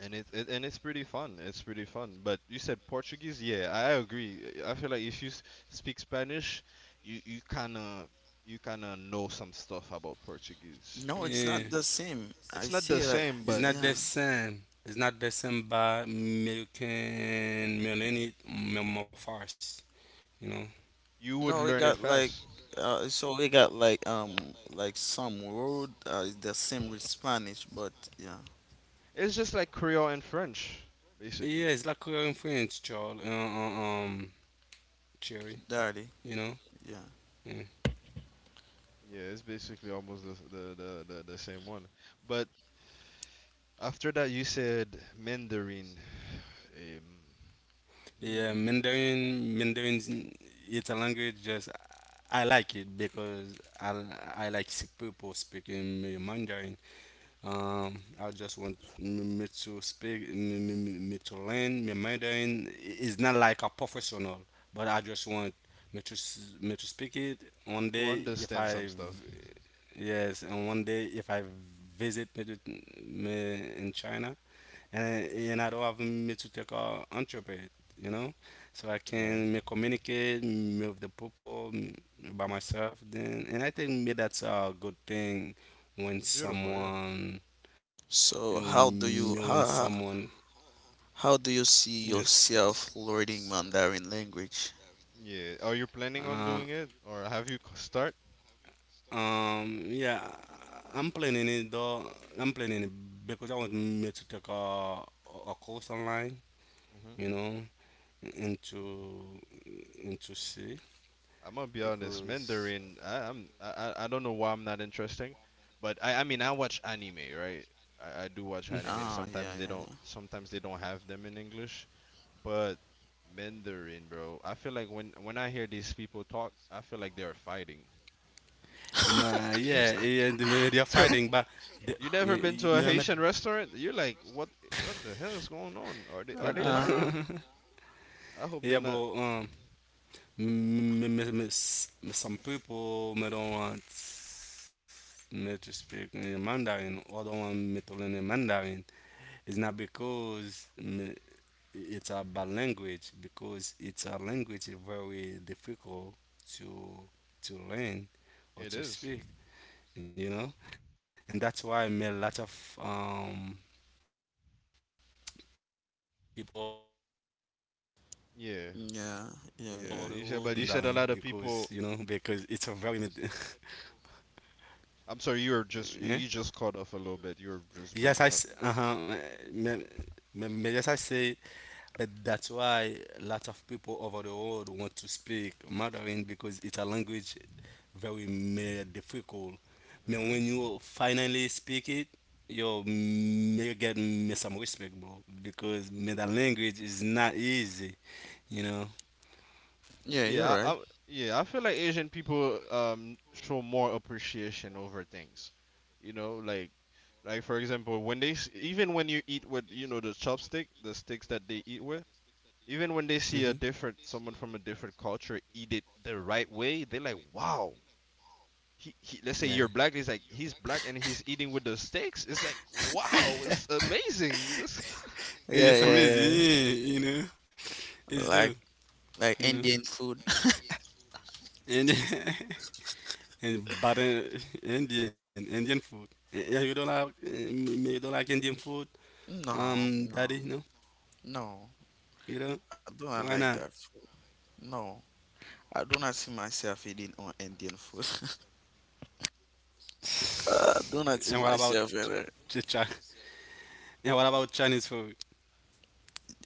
[SPEAKER 3] it's pretty fun. It's pretty fun. But you said Portuguese? Yeah, I agree. I feel like if you speak Spanish, you kind of know some stuff about Portuguese.
[SPEAKER 2] No, it's
[SPEAKER 1] yeah.
[SPEAKER 2] not the same. I
[SPEAKER 3] It's not
[SPEAKER 2] see
[SPEAKER 3] the
[SPEAKER 2] that.
[SPEAKER 3] same,
[SPEAKER 1] It's
[SPEAKER 3] but
[SPEAKER 1] not the
[SPEAKER 2] Yeah.
[SPEAKER 1] same. It's not the same by American Melanie Morphars. You know.
[SPEAKER 3] you would
[SPEAKER 2] No,
[SPEAKER 3] learn it fast.
[SPEAKER 2] so we got like some word is the same with Spanish, but yeah,
[SPEAKER 3] It's just like Creole and French,
[SPEAKER 1] Yeah,
[SPEAKER 3] basically.
[SPEAKER 1] it's like Korean French, Charles. Cherry.
[SPEAKER 2] dirty.
[SPEAKER 1] You know.
[SPEAKER 2] Yeah.
[SPEAKER 1] Yeah.
[SPEAKER 3] Yeah, it's basically almost the same one. But after that, you said Mandarin. um,
[SPEAKER 1] Yeah,
[SPEAKER 3] hmm,
[SPEAKER 1] Mandarin. Mandarin. It's a language just I like it because people speaking Mandarin. I just want me to speak, me to learn. Me Mandarin is not like a professional, but I just want me to me to speak it one
[SPEAKER 3] to
[SPEAKER 1] day if
[SPEAKER 3] understand some
[SPEAKER 1] I
[SPEAKER 3] stuff.
[SPEAKER 1] yes, and one day if I visit me, to, me in China, and and I don't have me to take a interpret, you know, so I
[SPEAKER 3] Yeah,
[SPEAKER 1] can me communicate me with the people me by myself. Then, and I think me that's a good thing when
[SPEAKER 3] it's beautiful. Yeah,
[SPEAKER 1] someone you
[SPEAKER 2] So how
[SPEAKER 1] know,
[SPEAKER 2] do
[SPEAKER 1] knowing
[SPEAKER 2] you how
[SPEAKER 1] someone.
[SPEAKER 2] how how do you
[SPEAKER 1] Yes.
[SPEAKER 2] see yourself learning Mandarin language?
[SPEAKER 1] Language?
[SPEAKER 3] yeah. Are you
[SPEAKER 1] In uh,
[SPEAKER 3] planning on
[SPEAKER 1] the
[SPEAKER 3] doing
[SPEAKER 1] coming
[SPEAKER 3] it, or have you start?
[SPEAKER 1] yeah, I'm planning it though. I'm planning it because I want me to take a course online,
[SPEAKER 3] Hmm.
[SPEAKER 1] you know, into into C
[SPEAKER 3] I'm gonna be honest,
[SPEAKER 1] because
[SPEAKER 3] Mandarin. I don't know why I'm not interesting, but I mean I watch anime, right? I do watch anime.
[SPEAKER 2] Ah,
[SPEAKER 3] Sometimes
[SPEAKER 2] yeah,
[SPEAKER 3] they don't. Sometimes they don't have them in English, but Mandarin, bro. I feel like when I hear these people talk, I feel like they are fighting.
[SPEAKER 1] and
[SPEAKER 3] It's
[SPEAKER 1] yeah, yeah, they're
[SPEAKER 3] So
[SPEAKER 1] fighting, but the,
[SPEAKER 3] you never been
[SPEAKER 1] you
[SPEAKER 3] to a
[SPEAKER 1] know, I'm
[SPEAKER 3] Haitian restaurant? You're like, what? What the hell is going on? Are
[SPEAKER 2] yeah,
[SPEAKER 1] what
[SPEAKER 3] they
[SPEAKER 2] yeah.
[SPEAKER 3] fighting?
[SPEAKER 1] the
[SPEAKER 3] I hope they're
[SPEAKER 1] yeah,
[SPEAKER 3] not.
[SPEAKER 1] bro.
[SPEAKER 3] Mhm.
[SPEAKER 1] Me, some people may don't want me to speak in Mandarin or don't want me to learn in Mandarin. It's not because me, it's a bad language, because it's a language very difficult to to learn or
[SPEAKER 3] It
[SPEAKER 1] to
[SPEAKER 3] is.
[SPEAKER 1] speak. You know, and that's why me a lot of people over the world always want to speak
[SPEAKER 3] Yeah,
[SPEAKER 2] Yeah, yeah,
[SPEAKER 1] Mandarin
[SPEAKER 2] yeah.
[SPEAKER 3] yeah. You said,
[SPEAKER 1] because
[SPEAKER 3] but you
[SPEAKER 1] you
[SPEAKER 3] said a
[SPEAKER 1] know
[SPEAKER 3] lot of
[SPEAKER 1] because
[SPEAKER 3] people.
[SPEAKER 1] it's a very
[SPEAKER 3] I'm sorry, you were just
[SPEAKER 1] Yeah.
[SPEAKER 3] you just caught off a little bit. You were just breaking up.
[SPEAKER 1] Uh-huh. May, may yes, I say that's why lots of people over the world want to speak Mandarin because it's a language very difficult. But
[SPEAKER 3] Hmm.
[SPEAKER 1] when you finally speak it, you may get me some respect, bro, because man, that language is not easy. You know.
[SPEAKER 2] Yeah, you're
[SPEAKER 3] Yeah,
[SPEAKER 2] right.
[SPEAKER 3] I yeah. I feel like Asian people show more appreciation over things. You know, like for example, when they even when you eat with you know the chopstick, the sticks that they eat with. Even when they see a
[SPEAKER 1] Mm-hmm.
[SPEAKER 3] different someone from a different culture eat it the right way, they're like, "Wow." Let's say you're
[SPEAKER 1] Yeah.
[SPEAKER 3] black. He's like he's black and he's eating with the steaks. It's like wow, it's amazing.
[SPEAKER 2] Yeah,
[SPEAKER 1] It's just
[SPEAKER 2] yeah, yeah.
[SPEAKER 1] easy. You know. It's
[SPEAKER 2] Like
[SPEAKER 1] do.
[SPEAKER 2] like
[SPEAKER 1] You know.
[SPEAKER 2] Indian food.
[SPEAKER 1] And and but Indian Indian food. Yeah, yeah, you don't like you don't like Indian food,
[SPEAKER 2] No,
[SPEAKER 1] daddy.
[SPEAKER 2] no,
[SPEAKER 1] No,
[SPEAKER 2] no.
[SPEAKER 1] you don't.
[SPEAKER 2] I do not
[SPEAKER 1] Why
[SPEAKER 2] like
[SPEAKER 1] not?
[SPEAKER 2] that food. No, I do not see myself eating on Indian food. I do
[SPEAKER 1] And what
[SPEAKER 2] not see
[SPEAKER 1] about
[SPEAKER 2] myself in it.
[SPEAKER 1] Ch- Chi- and what about Chinese food?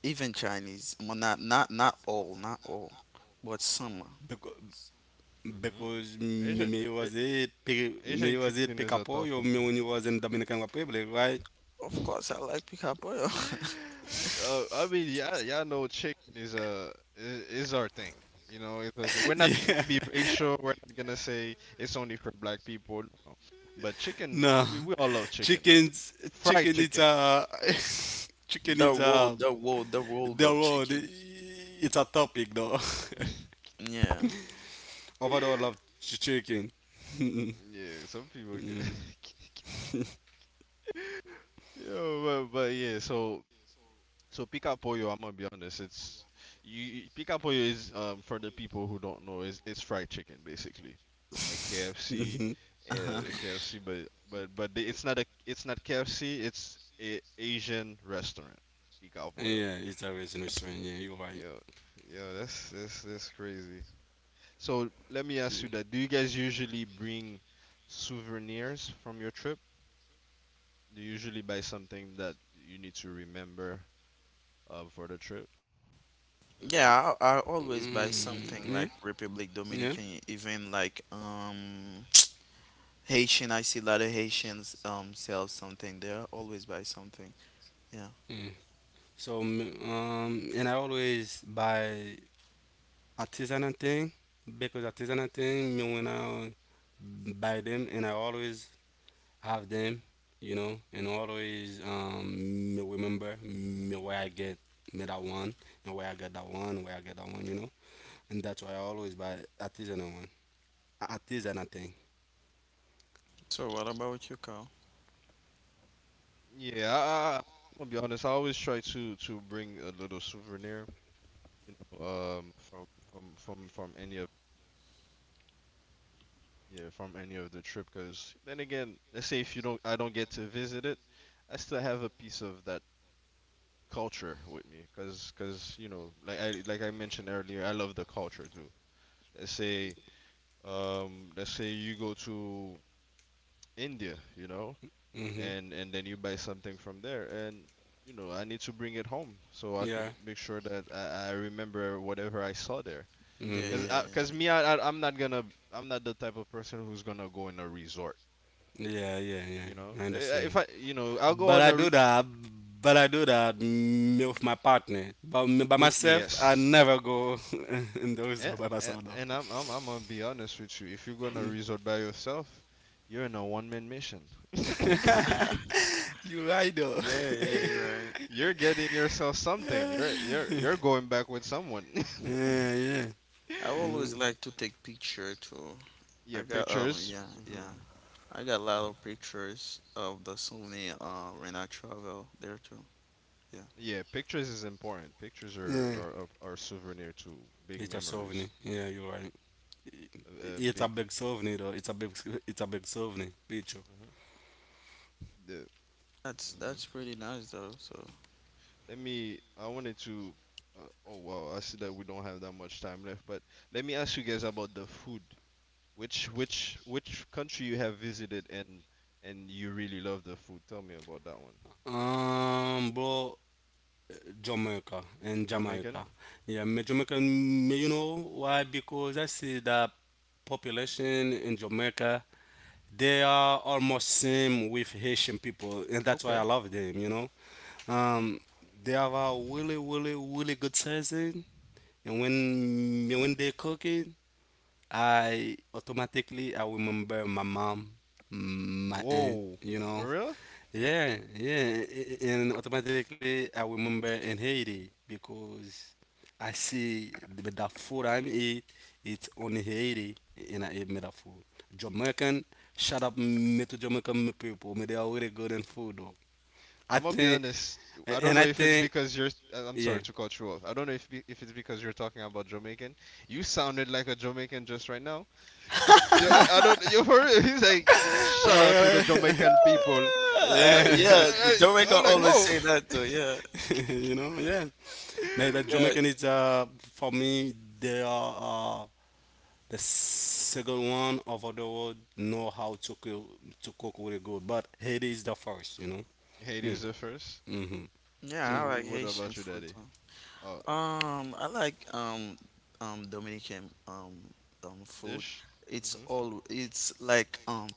[SPEAKER 2] Even Chinese, well, not all, but some.
[SPEAKER 1] Because
[SPEAKER 3] Hmm.
[SPEAKER 1] because
[SPEAKER 3] Asian,
[SPEAKER 1] me
[SPEAKER 3] A-
[SPEAKER 1] was it me
[SPEAKER 3] Asian
[SPEAKER 1] was it
[SPEAKER 3] cuisine is a tough
[SPEAKER 1] picapoyo me when you was in Dominican Republic, right?
[SPEAKER 2] Of
[SPEAKER 3] one.
[SPEAKER 2] course, I like pica pollo.
[SPEAKER 3] I mean, yeah, y'all know chicken is is our thing. You know, it's like, we're not
[SPEAKER 1] Yeah.
[SPEAKER 3] gonna be racial. We're not gonna say it's only for black people. But chicken,
[SPEAKER 1] No,
[SPEAKER 3] we all love chicken.
[SPEAKER 1] chickens.
[SPEAKER 3] Fried
[SPEAKER 1] Chicken is
[SPEAKER 3] chicken.
[SPEAKER 1] a chicken
[SPEAKER 2] The
[SPEAKER 1] is a
[SPEAKER 2] world, the world, the
[SPEAKER 1] the
[SPEAKER 2] world of
[SPEAKER 1] road.
[SPEAKER 2] chicken.
[SPEAKER 1] It's a topic though.
[SPEAKER 2] Yeah.
[SPEAKER 1] Overall, I love chicken.
[SPEAKER 3] Yeah, some people can.
[SPEAKER 1] Mm.
[SPEAKER 3] Yo, but yeah, so Pica Pollo, I'm gonna be honest, it's you Pica Pollo is for the people who don't know, is it's fried chicken basically. Like
[SPEAKER 1] Hmm.
[SPEAKER 3] KFC, KFC, but they, it's not a it's not KFC, it's a Asian restaurant. Pica Pollo.
[SPEAKER 1] Yeah, it's always in Australia. Yeah, you're right.
[SPEAKER 3] Yo, yo, that's crazy. So let me ask you that. Do you guys usually bring souvenirs from your trip? Do you usually buy something that you need to remember for the trip?
[SPEAKER 2] Yeah, I always buy
[SPEAKER 1] Mm, yeah,
[SPEAKER 2] something like Republic
[SPEAKER 1] yeah,
[SPEAKER 2] Dominican, even like Haitian. I see a lot of Haitians sell something there. Always buy something. Yeah.
[SPEAKER 1] yeah. So, and I always buy artisanal thing, because artisanal thing me when I buy them and I always have them, you know, and always me remember me where I get me that one and where I get that one, where I get that one, you know, and that's why I always buy artisanal one, artisanal thing.
[SPEAKER 2] So what about you, Carl?
[SPEAKER 3] Yeah, I'm gonna be honest. I always try to bring a little souvenir, you know, from any of yeah from any of the trip. 'Cause then again, let's say if you don't, I don't get to visit it, I still have a piece of that culture with me. 'Cause you know, like I mentioned earlier, I love the culture too. Let's say let's say you go to India, you know,
[SPEAKER 1] Mhm.
[SPEAKER 3] and then you buy something from there, and I need to bring it home, so I could
[SPEAKER 1] Yeah.
[SPEAKER 3] make sure that I remember whatever I saw there.
[SPEAKER 2] Yeah,
[SPEAKER 3] because
[SPEAKER 1] Mhm.
[SPEAKER 2] yeah,
[SPEAKER 3] because
[SPEAKER 2] yeah.
[SPEAKER 3] me I, I I'm not the type of person who's gonna go in a resort.
[SPEAKER 1] Yeah, yeah, yeah. I
[SPEAKER 3] Eh,
[SPEAKER 1] understand
[SPEAKER 3] if
[SPEAKER 1] you.
[SPEAKER 3] I you know I'll go
[SPEAKER 1] But
[SPEAKER 3] in
[SPEAKER 1] I
[SPEAKER 3] a
[SPEAKER 1] do
[SPEAKER 3] re-
[SPEAKER 1] that. But I do that me with my partner. But me by
[SPEAKER 3] with
[SPEAKER 1] myself, I
[SPEAKER 3] yes
[SPEAKER 1] never go in those
[SPEAKER 3] And,
[SPEAKER 1] by
[SPEAKER 3] and,
[SPEAKER 1] myself though.
[SPEAKER 3] and I'm gonna be honest with you. If you're gonna
[SPEAKER 1] Mm.
[SPEAKER 3] resort by yourself, you're in a one-man mission.
[SPEAKER 1] You right though.
[SPEAKER 2] Yeah, yeah, you're right.
[SPEAKER 3] You're getting yourself something. You're going back with someone.
[SPEAKER 1] Yeah, yeah.
[SPEAKER 2] I always
[SPEAKER 1] Mm.
[SPEAKER 2] like to take picture too.
[SPEAKER 3] Yeah,
[SPEAKER 2] I got,
[SPEAKER 3] pictures.
[SPEAKER 2] yeah, yeah. I got a lot
[SPEAKER 3] Hmm
[SPEAKER 2] of pictures of the souvenir when I travel there too. Yeah.
[SPEAKER 3] Yeah, pictures is important. Pictures are
[SPEAKER 1] Yeah.
[SPEAKER 3] are are, are souvenir to big
[SPEAKER 1] It's a
[SPEAKER 3] memories.
[SPEAKER 1] souvenir. Yeah, you're right. It's a
[SPEAKER 3] Big.
[SPEAKER 1] big souvenir though. It's a big. It's a big souvenir. Bicho.
[SPEAKER 3] hmm The.
[SPEAKER 2] That's
[SPEAKER 3] hmm
[SPEAKER 2] that's pretty nice though, so
[SPEAKER 3] Let me. I wanted to. Oh wow! I see that we don't have that much time left, but let me ask you guys about the food. Which country you have visited and you really love the food? Tell me about that one.
[SPEAKER 1] Bro. Jamaica in
[SPEAKER 3] Jamaican.
[SPEAKER 1] Jamaica. Yeah, me Jamaica. You know why? Because I see that population in Jamaica. They are almost same with Haitian people, and that's why I
[SPEAKER 3] Okay.
[SPEAKER 1] love them. You know, um, they have a really, really, really good season, and when they cook it, I automatically I remember my mom, my aunt.
[SPEAKER 3] Whoa.
[SPEAKER 1] You
[SPEAKER 3] For
[SPEAKER 1] know,
[SPEAKER 3] real?
[SPEAKER 1] yeah, yeah, and automatically I remember in Haiti because I see the food I eat, it's only Haiti, and I eat me that food. Jamaican, shut up, me to Jamaican me people, me they are really good in food though. I
[SPEAKER 3] I'm gonna be
[SPEAKER 1] think,
[SPEAKER 3] honest. I don't
[SPEAKER 1] and
[SPEAKER 3] know
[SPEAKER 1] I
[SPEAKER 3] if it's
[SPEAKER 1] think,
[SPEAKER 3] because you're. I'm
[SPEAKER 1] yeah.
[SPEAKER 3] sorry to cut you off. I don't know if it's because you're talking about Jamaican. You sounded like a Jamaican just right now. You, I don't. You heard it? He's like, shout
[SPEAKER 1] Oh,
[SPEAKER 3] out to the
[SPEAKER 1] really?
[SPEAKER 3] Jamaican people. I,
[SPEAKER 2] Ah,
[SPEAKER 1] Yeah,
[SPEAKER 2] yeah, the
[SPEAKER 3] I,
[SPEAKER 2] Jamaica
[SPEAKER 3] am like,
[SPEAKER 2] always
[SPEAKER 3] oh.
[SPEAKER 2] say that too. Yeah,
[SPEAKER 1] you know, yeah. Maybe
[SPEAKER 2] yeah.
[SPEAKER 1] Jamaican is for me they are the second one over the world know how to cook really good, but Haiti is the first, you know.
[SPEAKER 3] Haiti
[SPEAKER 1] Mm,
[SPEAKER 3] was the first.
[SPEAKER 1] mm-hmm.
[SPEAKER 3] So
[SPEAKER 2] Yeah, I
[SPEAKER 1] Mm-hmm.
[SPEAKER 2] like
[SPEAKER 3] what
[SPEAKER 2] Haitian
[SPEAKER 3] about your
[SPEAKER 2] food
[SPEAKER 3] daddy?
[SPEAKER 2] too.
[SPEAKER 3] Oh,
[SPEAKER 2] I like Dominican food.
[SPEAKER 3] dish.
[SPEAKER 2] It's
[SPEAKER 3] Mhm.
[SPEAKER 2] all it's like um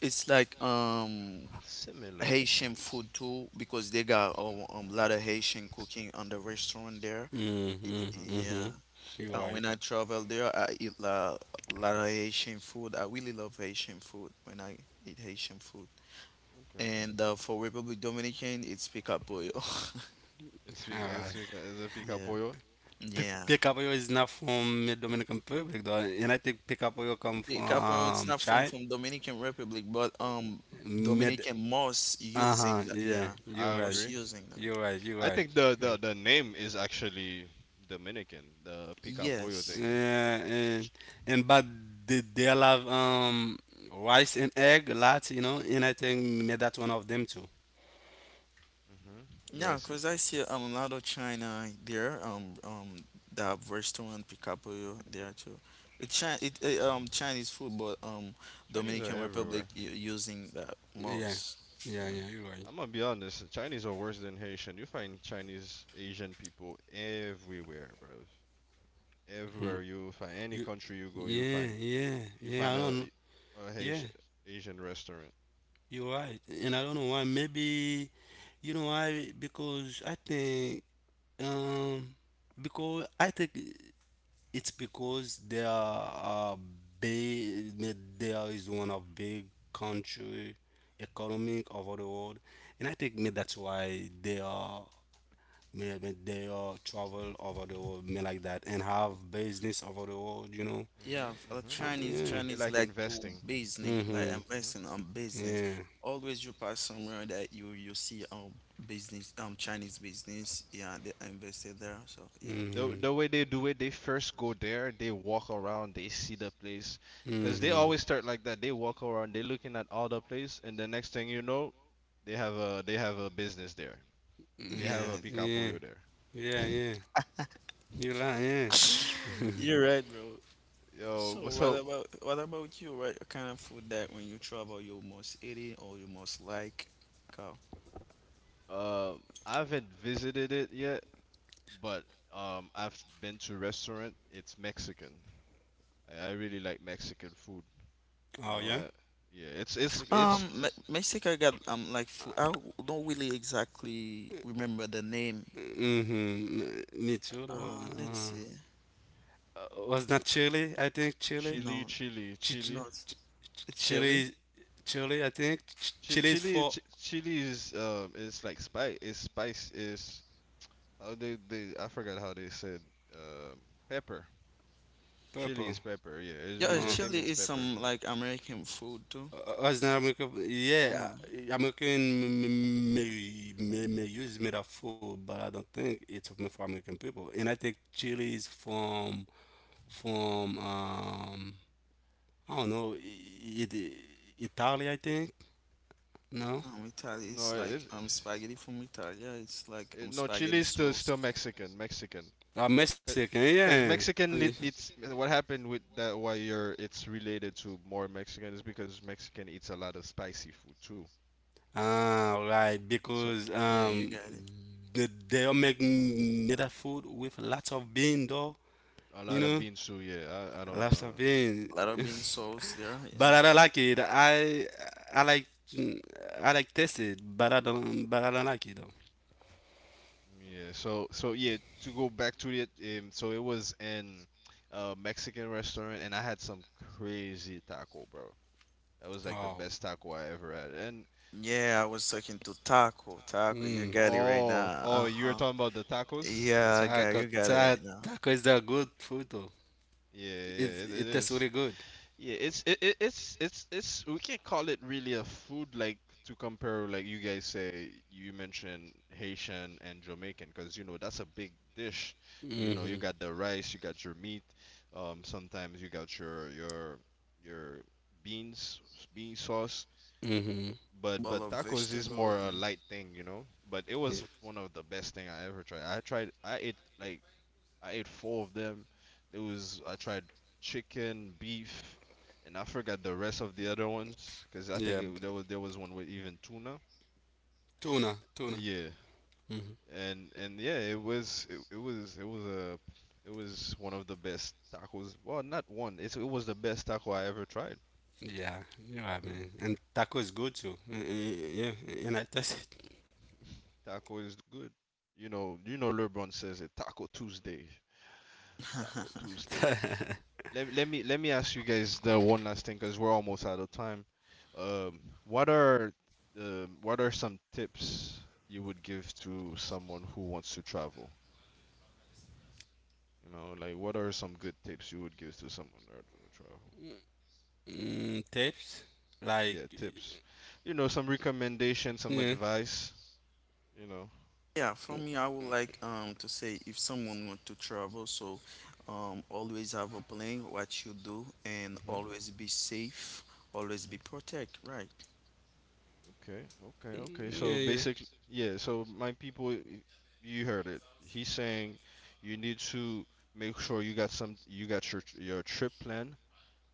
[SPEAKER 2] it's like
[SPEAKER 3] Similar.
[SPEAKER 2] Haitian food too, because they got a, lot of Haitian cooking on the restaurant there.
[SPEAKER 3] Mhm.
[SPEAKER 1] Mm-hmm.
[SPEAKER 2] Yeah.
[SPEAKER 1] Hmm. You're right.
[SPEAKER 2] When I travel there, I eat a lot of Haitian food. I really love Haitian food when I eat Haitian food.
[SPEAKER 3] Okay.
[SPEAKER 2] And for Republic Dominican, it's Picapoyo.
[SPEAKER 3] It's pi-
[SPEAKER 1] All
[SPEAKER 3] it's
[SPEAKER 1] right.
[SPEAKER 3] pica, is it pica
[SPEAKER 2] Yeah.
[SPEAKER 3] pollo?
[SPEAKER 2] Yeah.
[SPEAKER 1] Pick up oil is not from the Dominican Republic, though, and I think pick up oil come from
[SPEAKER 2] Picapoyo, it's not from
[SPEAKER 1] China.
[SPEAKER 2] from Dominican Republic, but
[SPEAKER 1] Mid.
[SPEAKER 2] Dominican most
[SPEAKER 1] Uh huh.
[SPEAKER 2] using that.
[SPEAKER 1] Yeah.
[SPEAKER 2] Yeah,
[SPEAKER 3] I
[SPEAKER 1] You're right.
[SPEAKER 2] most
[SPEAKER 3] agree.
[SPEAKER 2] using that.
[SPEAKER 1] You're right. You're
[SPEAKER 3] I
[SPEAKER 1] right.
[SPEAKER 3] think the name is actually Dominican. The pica pollo
[SPEAKER 2] Yes.
[SPEAKER 3] thing. Eh?
[SPEAKER 1] Yeah. And but they have rice and egg a lot, you know, and I think made that one of them too.
[SPEAKER 3] Mhm.
[SPEAKER 2] Yeah,
[SPEAKER 3] Right.
[SPEAKER 2] 'cause I see a lot of China there. That restaurant Picapoyo there too. It China, it Chinese food, but
[SPEAKER 3] Chinese are
[SPEAKER 2] Dominican Republic
[SPEAKER 3] everywhere.
[SPEAKER 2] using that
[SPEAKER 1] Yeah.
[SPEAKER 2] most.
[SPEAKER 1] Yeah. Yeah. You're right.
[SPEAKER 3] I'm gonna be honest, Chinese are worse than Haitian. You find Chinese, Asian people everywhere, bro.
[SPEAKER 1] Mm.
[SPEAKER 3] Everywhere you find any
[SPEAKER 1] You.
[SPEAKER 3] country you go,
[SPEAKER 1] Yeah. Yeah.
[SPEAKER 3] you
[SPEAKER 1] Yeah. I
[SPEAKER 3] find a
[SPEAKER 1] don't know. Yeah.
[SPEAKER 3] Haitian Asian restaurant.
[SPEAKER 1] You're right, and I don't know why. Maybe you know why? Um, because I think it's because there are big, there is one of big country economic over the world, and I think me that's why they are maybe they are travel over the world, me like that, and have business over the world. You know,
[SPEAKER 2] Yeah,
[SPEAKER 3] Mhm,
[SPEAKER 2] for the
[SPEAKER 3] mhm.
[SPEAKER 2] Chinese,
[SPEAKER 1] yeah,
[SPEAKER 3] They
[SPEAKER 2] Chinese
[SPEAKER 3] like
[SPEAKER 2] like to
[SPEAKER 3] investing.
[SPEAKER 2] business, like
[SPEAKER 1] mm-hmm,
[SPEAKER 3] Mhm.
[SPEAKER 2] investing on business.
[SPEAKER 1] yeah,
[SPEAKER 2] Always you pass somewhere that you see business, Chinese business. Yeah, they invested there. So yeah.
[SPEAKER 3] The
[SPEAKER 1] mm-hmm.
[SPEAKER 3] the way they do it, they first go there, they walk around, they see the place, 'cause they
[SPEAKER 1] Mm-hmm.
[SPEAKER 3] always start like that. They walk around, they looking at all the place, and the next thing you know, they have a business there. They have
[SPEAKER 1] Yeah,
[SPEAKER 3] a
[SPEAKER 2] Yeah,
[SPEAKER 3] pica
[SPEAKER 1] yeah,
[SPEAKER 3] pollo there.
[SPEAKER 1] yeah, yeah. You lie, yeah.
[SPEAKER 2] you're right, bro.
[SPEAKER 3] Yo,
[SPEAKER 2] So
[SPEAKER 3] but
[SPEAKER 2] what
[SPEAKER 3] so
[SPEAKER 2] about what about you? What kind of food that when you travel you most eating or you most like? Go.
[SPEAKER 3] I haven't visited it yet, but I've been to restaurant. It's Mexican. I really like Mexican food. You
[SPEAKER 1] Oh,
[SPEAKER 3] know,
[SPEAKER 1] yeah?
[SPEAKER 3] yeah, it's
[SPEAKER 2] Mexico got like food. I don't really exactly remember the name.
[SPEAKER 1] Mm-hmm. Me too, though.
[SPEAKER 2] Let's see.
[SPEAKER 1] Was not Chile, I think, Chile.
[SPEAKER 2] No,
[SPEAKER 1] Ch- ch-
[SPEAKER 3] chili.
[SPEAKER 2] no, it's
[SPEAKER 1] ch-
[SPEAKER 2] it's chili.
[SPEAKER 1] Chile, Chile, I think. Chile is for
[SPEAKER 3] Chili is like spice. Is spice is how they I forgot how they said um pepper. Chili is
[SPEAKER 1] purple.
[SPEAKER 3] pepper. Yeah,
[SPEAKER 2] Yeah,
[SPEAKER 1] Uh,
[SPEAKER 3] it
[SPEAKER 2] chili
[SPEAKER 3] means
[SPEAKER 2] is
[SPEAKER 3] pepper.
[SPEAKER 2] some like American food too.
[SPEAKER 1] was not American, yeah.
[SPEAKER 2] Yeah,
[SPEAKER 1] Uh, American may use metaphor, but I don't think it's only for American people. And I think Chile is from I don't know, Italy, I think. No,
[SPEAKER 2] Italy
[SPEAKER 3] No,
[SPEAKER 2] it's like
[SPEAKER 3] it,
[SPEAKER 2] spaghetti from Italy. Yeah, it's like
[SPEAKER 3] it no, chili
[SPEAKER 2] spaghetti
[SPEAKER 3] is
[SPEAKER 2] sauce.
[SPEAKER 3] still Mexican. Mexican.
[SPEAKER 1] Mexican,
[SPEAKER 3] Because
[SPEAKER 1] yeah.
[SPEAKER 3] Mexican
[SPEAKER 1] Yeah.
[SPEAKER 3] lit
[SPEAKER 2] Okay.
[SPEAKER 3] it's what happened with that why you're it's related to more Mexican is because Mexican eats a lot of spicy food too.
[SPEAKER 1] Ah, right,
[SPEAKER 3] So
[SPEAKER 1] because
[SPEAKER 2] Yeah, you got it.
[SPEAKER 1] they all make native food with lots of bean, though.
[SPEAKER 3] a
[SPEAKER 1] You
[SPEAKER 3] lot of
[SPEAKER 1] know,
[SPEAKER 3] bean soup, yeah. I don't
[SPEAKER 1] lots
[SPEAKER 3] know.
[SPEAKER 1] of bean.
[SPEAKER 2] A lot of bean sauce there.
[SPEAKER 1] But
[SPEAKER 2] Yeah.
[SPEAKER 1] I don't like it. I like I like taste it, but I don't like it though.
[SPEAKER 3] Yeah. So so yeah. To go back to it, so it was in a Mexican restaurant, and I had some crazy taco, bro. That was like the
[SPEAKER 1] Oh,
[SPEAKER 3] best taco I ever had. And
[SPEAKER 2] Yeah, I was talking to Taco. Taco, you
[SPEAKER 1] mm.
[SPEAKER 2] got it right
[SPEAKER 3] oh,
[SPEAKER 2] now.
[SPEAKER 3] you were
[SPEAKER 2] Uh-huh.
[SPEAKER 3] talking about the tacos?
[SPEAKER 2] Yeah, I got
[SPEAKER 1] Taco,
[SPEAKER 2] you got it right now.
[SPEAKER 1] taco is a good food though. It
[SPEAKER 3] It
[SPEAKER 1] it tastes
[SPEAKER 3] is.
[SPEAKER 1] really good.
[SPEAKER 3] Yeah, it's it, it, it's we can't call it really a food like to compare like you guys say you mentioned Haitian and Jamaican because you know that's a big dish. You know, you
[SPEAKER 1] Mhm.
[SPEAKER 3] got the rice, you got your meat, sometimes you got your beans, bean sauce,
[SPEAKER 1] Mhm.
[SPEAKER 2] Bowl
[SPEAKER 3] but
[SPEAKER 2] of
[SPEAKER 3] tacos is
[SPEAKER 2] vegetable.
[SPEAKER 3] more a light thing, you know. But it
[SPEAKER 1] Yeah.
[SPEAKER 3] was one of the best thing I ever tried. I ate like I ate four of them. There was I tried chicken, beef, and I forgot the rest of the other ones because I think
[SPEAKER 1] Yeah.
[SPEAKER 3] there was one with even tuna.
[SPEAKER 1] Tuna. Tuna.
[SPEAKER 3] Yeah,
[SPEAKER 1] Mhm.
[SPEAKER 3] and yeah, it was a it was one of the best tacos. Well, not one. It was the best taco I ever tried.
[SPEAKER 1] Yeah. You're right,
[SPEAKER 3] hmm
[SPEAKER 1] man. And taco is good too. Yeah. And I test it.
[SPEAKER 3] Taco is good. You know, LeBron says it. Taco Tuesday,
[SPEAKER 2] Yeah.
[SPEAKER 3] Taco Tuesday. Let me ask you guys the one last thing because we're almost out of time. Um, what are what are some tips you would give to someone who wants to travel? You know, like what are some good tips you would give to someone that would travel?
[SPEAKER 1] Mm, tapes. Like.
[SPEAKER 3] Yeah, tips. You know, some recommendations, some
[SPEAKER 1] Yeah.
[SPEAKER 3] advice. You know.
[SPEAKER 2] Yeah, for me, I would like to say if someone want to travel, so always have a plan what you do and
[SPEAKER 3] Mhm.
[SPEAKER 2] always be safe, always
[SPEAKER 3] Mhm.
[SPEAKER 2] be protect, right?
[SPEAKER 3] Okay, okay, okay. So
[SPEAKER 1] Yeah. Yeah.
[SPEAKER 3] basically, yeah, so my people, you heard it. He's saying you need to make sure you got your trip plan.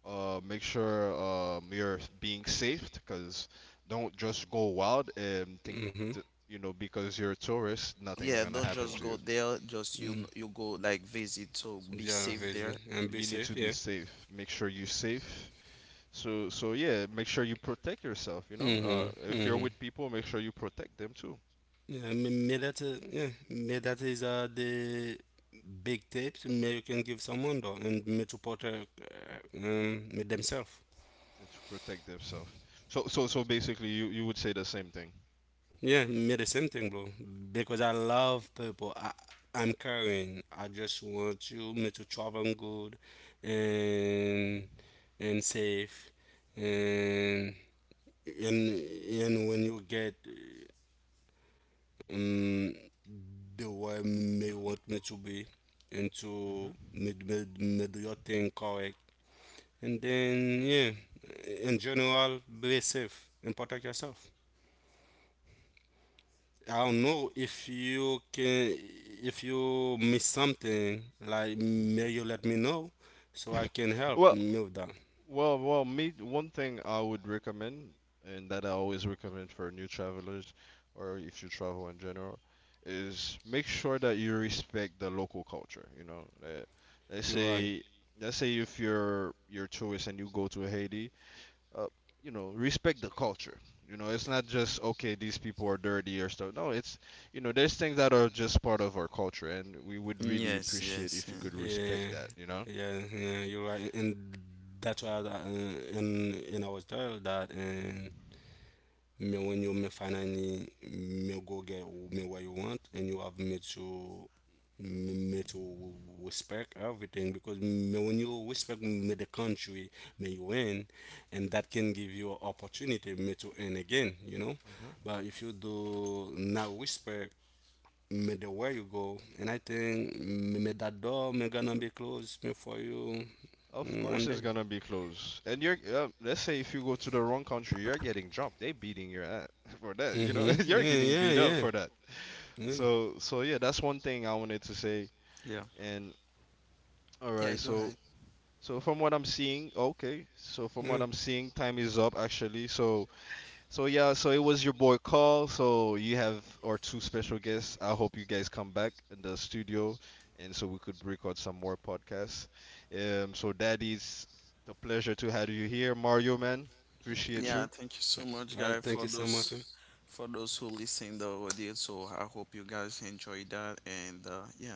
[SPEAKER 3] Make sure you're being safe, 'cause don't just go wild and think,
[SPEAKER 1] Mhm.
[SPEAKER 3] you know, because you're a tourist, nothing's
[SPEAKER 2] Yeah,
[SPEAKER 3] gonna
[SPEAKER 2] don't
[SPEAKER 3] happen
[SPEAKER 2] just
[SPEAKER 3] to
[SPEAKER 2] go
[SPEAKER 3] you.
[SPEAKER 2] there, just you
[SPEAKER 1] Mhm.
[SPEAKER 2] you go like visit, so be
[SPEAKER 1] Yeah.
[SPEAKER 2] safe there.
[SPEAKER 1] Vision. And be
[SPEAKER 3] You need to
[SPEAKER 1] safe.
[SPEAKER 3] be
[SPEAKER 1] Yeah.
[SPEAKER 3] safe. Make sure you're safe. So so yeah, make sure you protect yourself, you know.
[SPEAKER 1] Mhm.
[SPEAKER 3] If you're
[SPEAKER 1] Mhm.
[SPEAKER 3] with people, make sure you protect them too.
[SPEAKER 1] Yeah. May that. Uh, yeah. May that is the big tapes. May you can give someone though, and may to porter themselves.
[SPEAKER 3] Yeah, to protect themselves. So, so, so basically, you would say the same thing.
[SPEAKER 1] Yeah, me the same thing, bro. Because I love people. I'm caring. I just want you me to travel good and and safe and and and when you get um the way me want me to be and to
[SPEAKER 3] hmm
[SPEAKER 1] me do your thing correct, and then yeah in general be safe and protect yourself. I don't know if you can, if you miss something, like may you let me know so I can help
[SPEAKER 3] Well,
[SPEAKER 1] move that.
[SPEAKER 3] well, well. Me, one thing I would recommend, and that I always recommend for new travelers, or if you travel in general, is make sure that you respect the local culture. You know, let's
[SPEAKER 1] You're right.
[SPEAKER 3] say, let's say if you're tourist and you go to Haiti, uh, you know, respect the culture. You know, it's not just okay, these people are dirty or stuff. No, it's you know, there's things that are just part of our culture, and we would really
[SPEAKER 2] Yes, yes,
[SPEAKER 3] appreciate if
[SPEAKER 2] yeah.
[SPEAKER 3] you could
[SPEAKER 1] Yeah,
[SPEAKER 3] respect that. You know.
[SPEAKER 1] yeah, yeah you're right. And that's why I, and I was told that and but when you may finally may go get me what you want and you have me to me to respect everything, because me when you respect me the country may you win, and that can give you an opportunity me to win again, you know,
[SPEAKER 3] hmm
[SPEAKER 1] but if you do not respect me the way you go, and I think me me that door me gonna be closed me for you.
[SPEAKER 3] Of
[SPEAKER 1] Mm, one
[SPEAKER 3] course, it's
[SPEAKER 1] day,
[SPEAKER 3] gonna be close. And you're, let's say, if you go to the wrong country, you're getting jumped. They beating your ass for that. You know,
[SPEAKER 1] mm-hmm,
[SPEAKER 3] you're
[SPEAKER 1] yeah
[SPEAKER 3] getting
[SPEAKER 1] yeah
[SPEAKER 3] beat up
[SPEAKER 1] yeah
[SPEAKER 3] for that.
[SPEAKER 1] yeah
[SPEAKER 3] So, so yeah, that's one thing I wanted to say.
[SPEAKER 2] Yeah.
[SPEAKER 3] And all
[SPEAKER 2] Yeah,
[SPEAKER 3] right,
[SPEAKER 2] go ahead.
[SPEAKER 3] so, so from what I'm seeing, okay, so from
[SPEAKER 1] yeah.
[SPEAKER 3] what I'm seeing, time is up actually. So, so yeah, so it was your boy Carl. So you have our two special guests. I hope you guys come back in the studio, and so we could record some more podcasts. So Daddy's the pleasure to have you here, Mario man. Appreciate
[SPEAKER 2] Yeah,
[SPEAKER 3] you.
[SPEAKER 2] thank you so much,
[SPEAKER 1] Uh,
[SPEAKER 2] guy,
[SPEAKER 1] thank
[SPEAKER 2] for
[SPEAKER 1] you so much, man.
[SPEAKER 2] those for those who listen the audio. So I hope you guys enjoy that and yeah,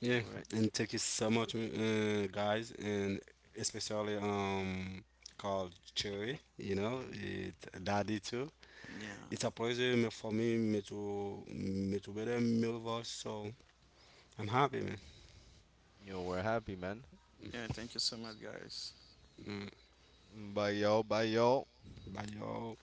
[SPEAKER 1] Yeah,
[SPEAKER 3] All right.
[SPEAKER 1] and thank you so much, guys, and especially called Cherry. You know,
[SPEAKER 3] Mm-hmm.
[SPEAKER 1] it Daddy too.
[SPEAKER 2] yeah.
[SPEAKER 1] It's a pleasure for me, me to be there, me with us. So I'm happy, man.
[SPEAKER 3] Yo, we're happy, man.
[SPEAKER 2] Yeah, thank you so much, guys.
[SPEAKER 1] Mm.
[SPEAKER 3] Mm, bye y'all. Bye y'all.
[SPEAKER 1] Bye, y'all.